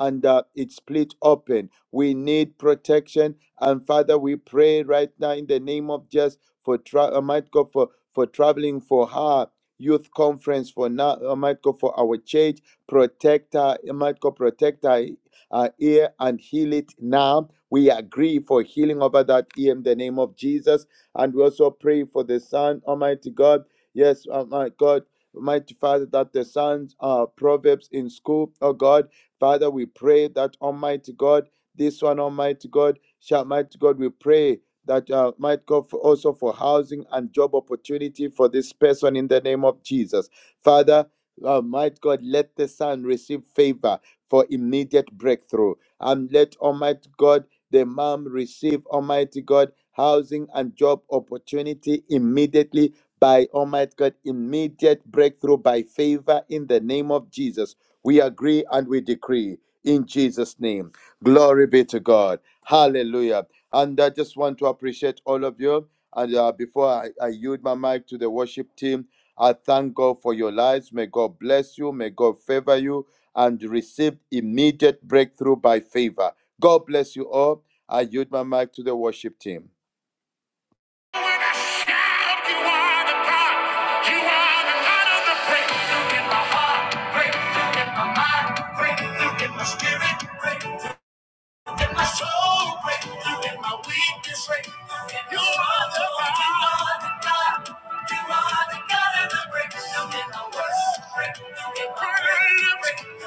and uh, it split open we need protection and father we pray right now in the name of Jesus for tra- uh, might god for for traveling for her youth conference for now uh, might god for our church protect her uh, might god protect her, her ear and heal it now we agree for healing over that ear in the name of Jesus. And we also pray for the Son, Almighty God. Yes, Almighty God. Almighty Father, that the sons are proverbs in school, oh God. Father, we pray that Almighty God, this one, Almighty God, shall Almighty God, we pray that uh, might go for also for housing and job opportunity for this person in the name of Jesus. Father, uh, might God let the son receive favor for immediate breakthrough and let Almighty God, the mom receive Almighty God housing and job opportunity immediately by Almighty God, immediate breakthrough by favor in the name of Jesus. We agree and we decree in Jesus' name. Glory be to God. Hallelujah. And I just want to appreciate all of you. And uh, before I, I yield my mic to the worship team, I thank God for your lives. May God bless you. May God favor you and received immediate breakthrough by favor. God bless you all. I yield my mic to the worship team. Breakthrough in my spirit. In You are the God. in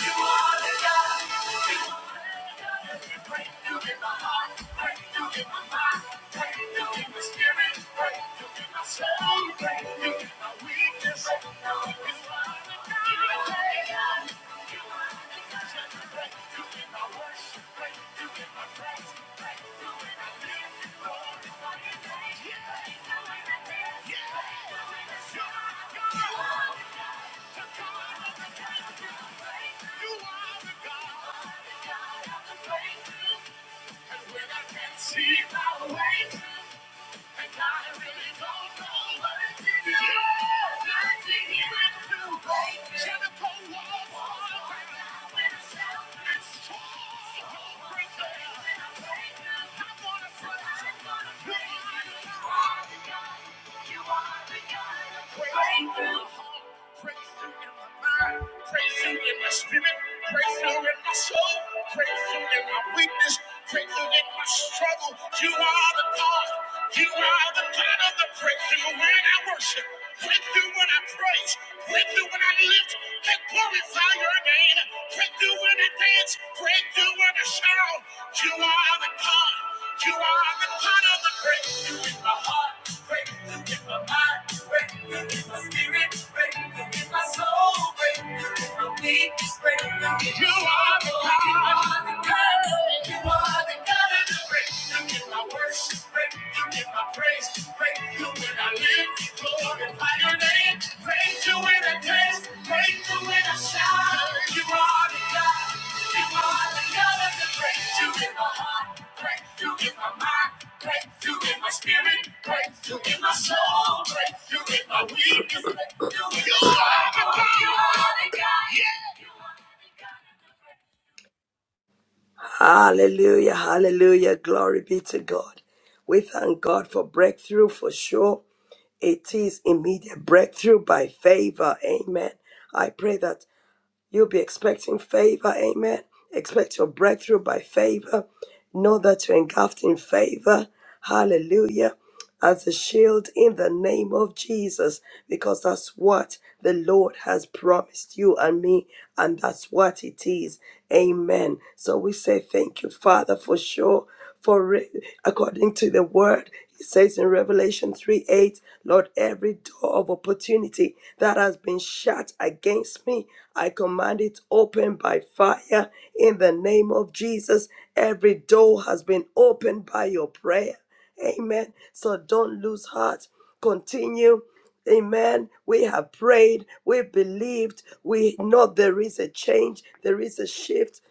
You are the God. mind. You give my spirit strength. You give my soul breath. You give my weakness strength. You are the God of the breakthrough. You are the God of the breakthrough. You are the God of the breakthrough. You are the God of the breakthrough. Breakthrough in my weakness, breakthrough in my struggle. You are the God. You are the God of the breakthrough when I worship, breakthrough when I praise, breakthrough when I lift and glorify your name, breakthrough when I dance, breakthrough when I shout. You are the God. You are the God of the breakthrough in my heart. Break my mind, believe this breakthrough. You are the God. You are the God. I worship and I pray when I live. Your name to win a test, breakthrough in a shower. You are the God, you are the God of the breakthrough in my heart, breakthrough in my mind, breakthrough in my spirit, breakthrough in my soul, breakthrough in my weakness. Hallelujah. Hallelujah. Glory be to God. We thank God for breakthrough for sure. It is immediate breakthrough by favor. Amen. I pray that you'll be expecting favor. Amen. Expect your breakthrough by favor. Know that you're engulfed in favor. Hallelujah as a shield in the name of Jesus, because that's what the Lord has promised you and me, and that's what it is. Amen. So we say thank you, Father, for sure. For re- according to the word, it says in Revelation 3 8, Lord, every door of opportunity that has been shut against me, I command it open by fire in the name of Jesus. Every door has been opened by your prayer Amen. So don't lose heart. Continue. Amen. We have prayed. We believed. We know there is a change. There is a shift.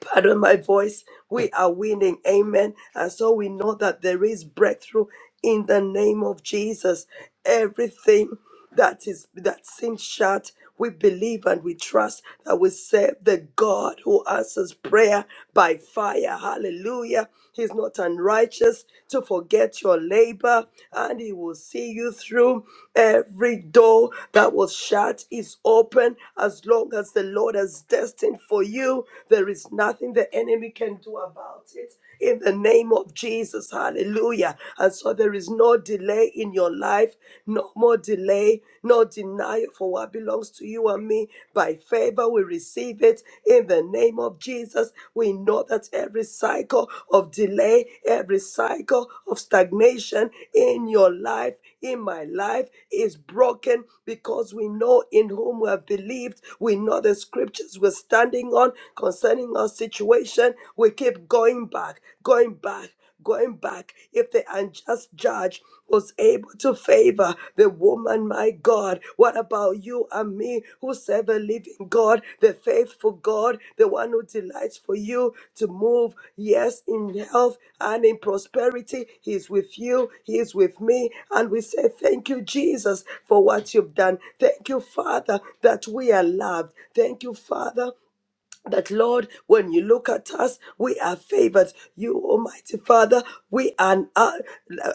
Pardon my voice. We are winning. Amen. And so we know that there is breakthrough in the name of Jesus. Everything that is that seems shut, we believe and we trust that we serve the God who answers prayer by fire. Hallelujah. He's not unrighteous to forget your labor, and he will see you through. Every door that was shut is open as long as the Lord has destined for you. There is nothing the enemy can do about it in the name of Jesus. Hallelujah. And so there is no delay in your life, no more delay, no denial for what belongs to you and me. By favor, we receive it in the name of Jesus. We know that every cycle of delay, every cycle of stagnation in your life, in my life is broken because we know in whom we have believed. We know the scriptures we're standing on on concerning our situation, we keep going back, going back, going back. If the unjust judge was able to favor the woman, my God, what about you and me who serve a living God, the faithful God, the one who delights for you to move, yes, in health and in prosperity? He is with you, He is with me. And we say, Thank you, Jesus, for what you've done. Thank you, Father, that we are loved. Thank you, Father that Lord, when you look at us, we are favored. You, Almighty Father, we are an, uh,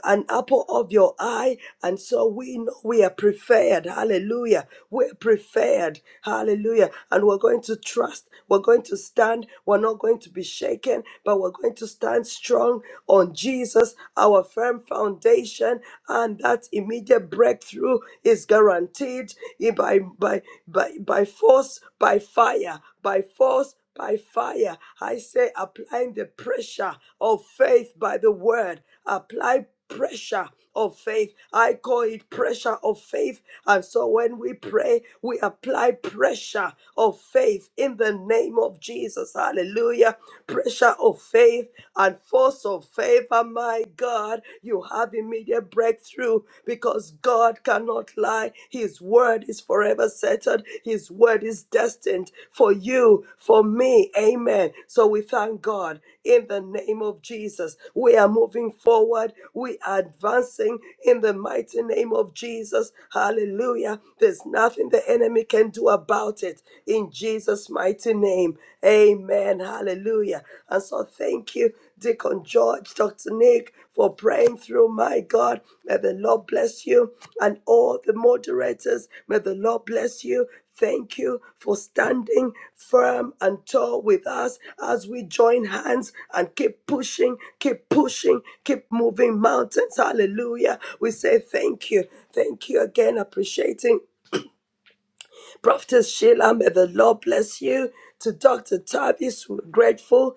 an apple of your eye, and so we know we are preferred. Hallelujah. We're preferred. Hallelujah. And we're going to trust. We're going to stand. We're not going to be shaken, but we're going to stand strong on Jesus, our firm foundation, and that immediate breakthrough is guaranteed by by by by force, by fire by force, by fire. I say applying the pressure of faith by the word. Apply pressure of faith. I call it pressure of faith. And so when we pray, we apply pressure of faith in the name of Jesus. Hallelujah. Pressure of faith and force of favor. My God, you have immediate breakthrough because God cannot lie. His word is forever settled, His word is destined for you, for me. Amen. So we thank God in the name of Jesus. We are moving forward, we are advancing in the mighty name of Jesus. Hallelujah. There's nothing the enemy can do about it in Jesus' mighty name. Amen. Hallelujah. And so thank you. Deacon George, Dr. Nick, for praying through. My God, may the Lord bless you and all the moderators. May the Lord bless you. Thank you for standing firm and tall with us as we join hands and keep pushing, keep pushing, keep moving mountains. Hallelujah. We say thank you. Thank you again, appreciating Prophetess Sheila, may the Lord bless you. To Dr. Tavis, we're grateful.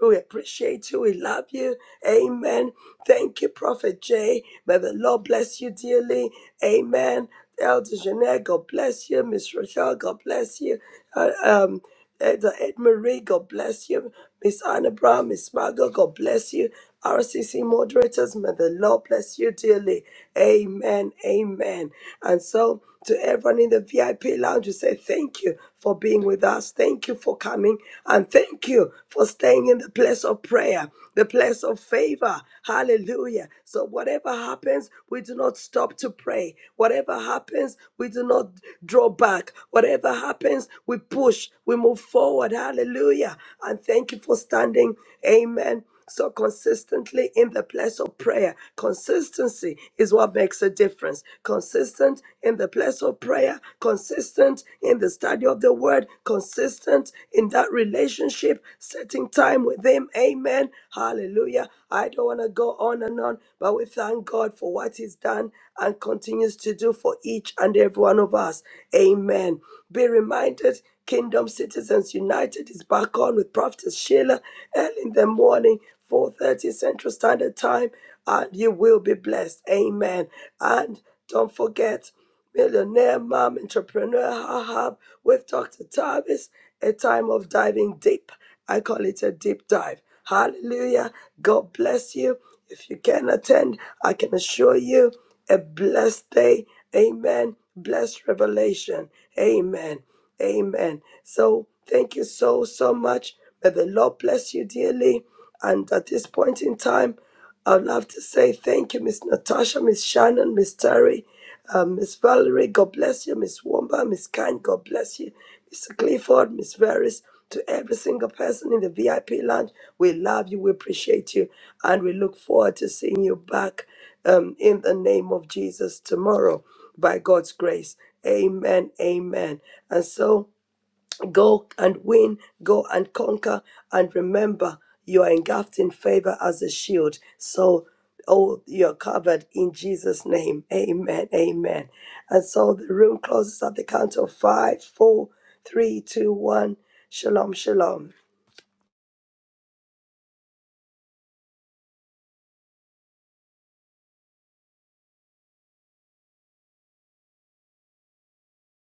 We appreciate you. We love you. Amen. Thank you, Prophet Jay. May the Lord bless you dearly. Amen. Elder Jeanette, God bless you. Miss Rochelle, God bless you. Uh, um, Ed, Ed Marie, God bless you. Miss Anna Brown, Miss Margot, God bless you. RCC moderators, may the Lord bless you dearly. Amen. Amen. And so, to everyone in the VIP lounge, we say thank you for being with us. Thank you for coming. And thank you for staying in the place of prayer, the place of favor. Hallelujah. So, whatever happens, we do not stop to pray. Whatever happens, we do not draw back. Whatever happens, we push. We move forward. Hallelujah. And thank you for standing. Amen. So consistently in the place of prayer. Consistency is what makes a difference. Consistent in the place of prayer, consistent in the study of the word, consistent in that relationship, setting time with Him. Amen. Hallelujah. I don't want to go on and on, but we thank God for what He's done and continues to do for each and every one of us. Amen. Be reminded Kingdom Citizens United is back on with Prophetess Sheila early in the morning, 4.30 Central Standard Time, and you will be blessed. Amen. And don't forget, Millionaire Mom Entrepreneur Hub with Dr. Tavis, a time of diving deep. I call it a deep dive. Hallelujah. God bless you. If you can attend, I can assure you a blessed day. Amen. Blessed revelation. Amen. Amen. So thank you so, so much. May the Lord bless you dearly. And at this point in time, I'd love to say thank you, Miss Natasha, Miss Shannon, Miss Terry, uh, Miss Valerie, God bless you, Miss Womba, Miss Kind, God bless you, Mr. Clifford, Miss Veris, to every single person in the VIP lounge. We love you, we appreciate you, and we look forward to seeing you back um, in the name of Jesus tomorrow by God's grace. Amen, amen. And so, Go and win, go and conquer, and remember you are engulfed in favor as a shield. So, oh, you're covered in Jesus' name. Amen. Amen. And so the room closes at the count of five, four, three, two, one. Shalom, shalom.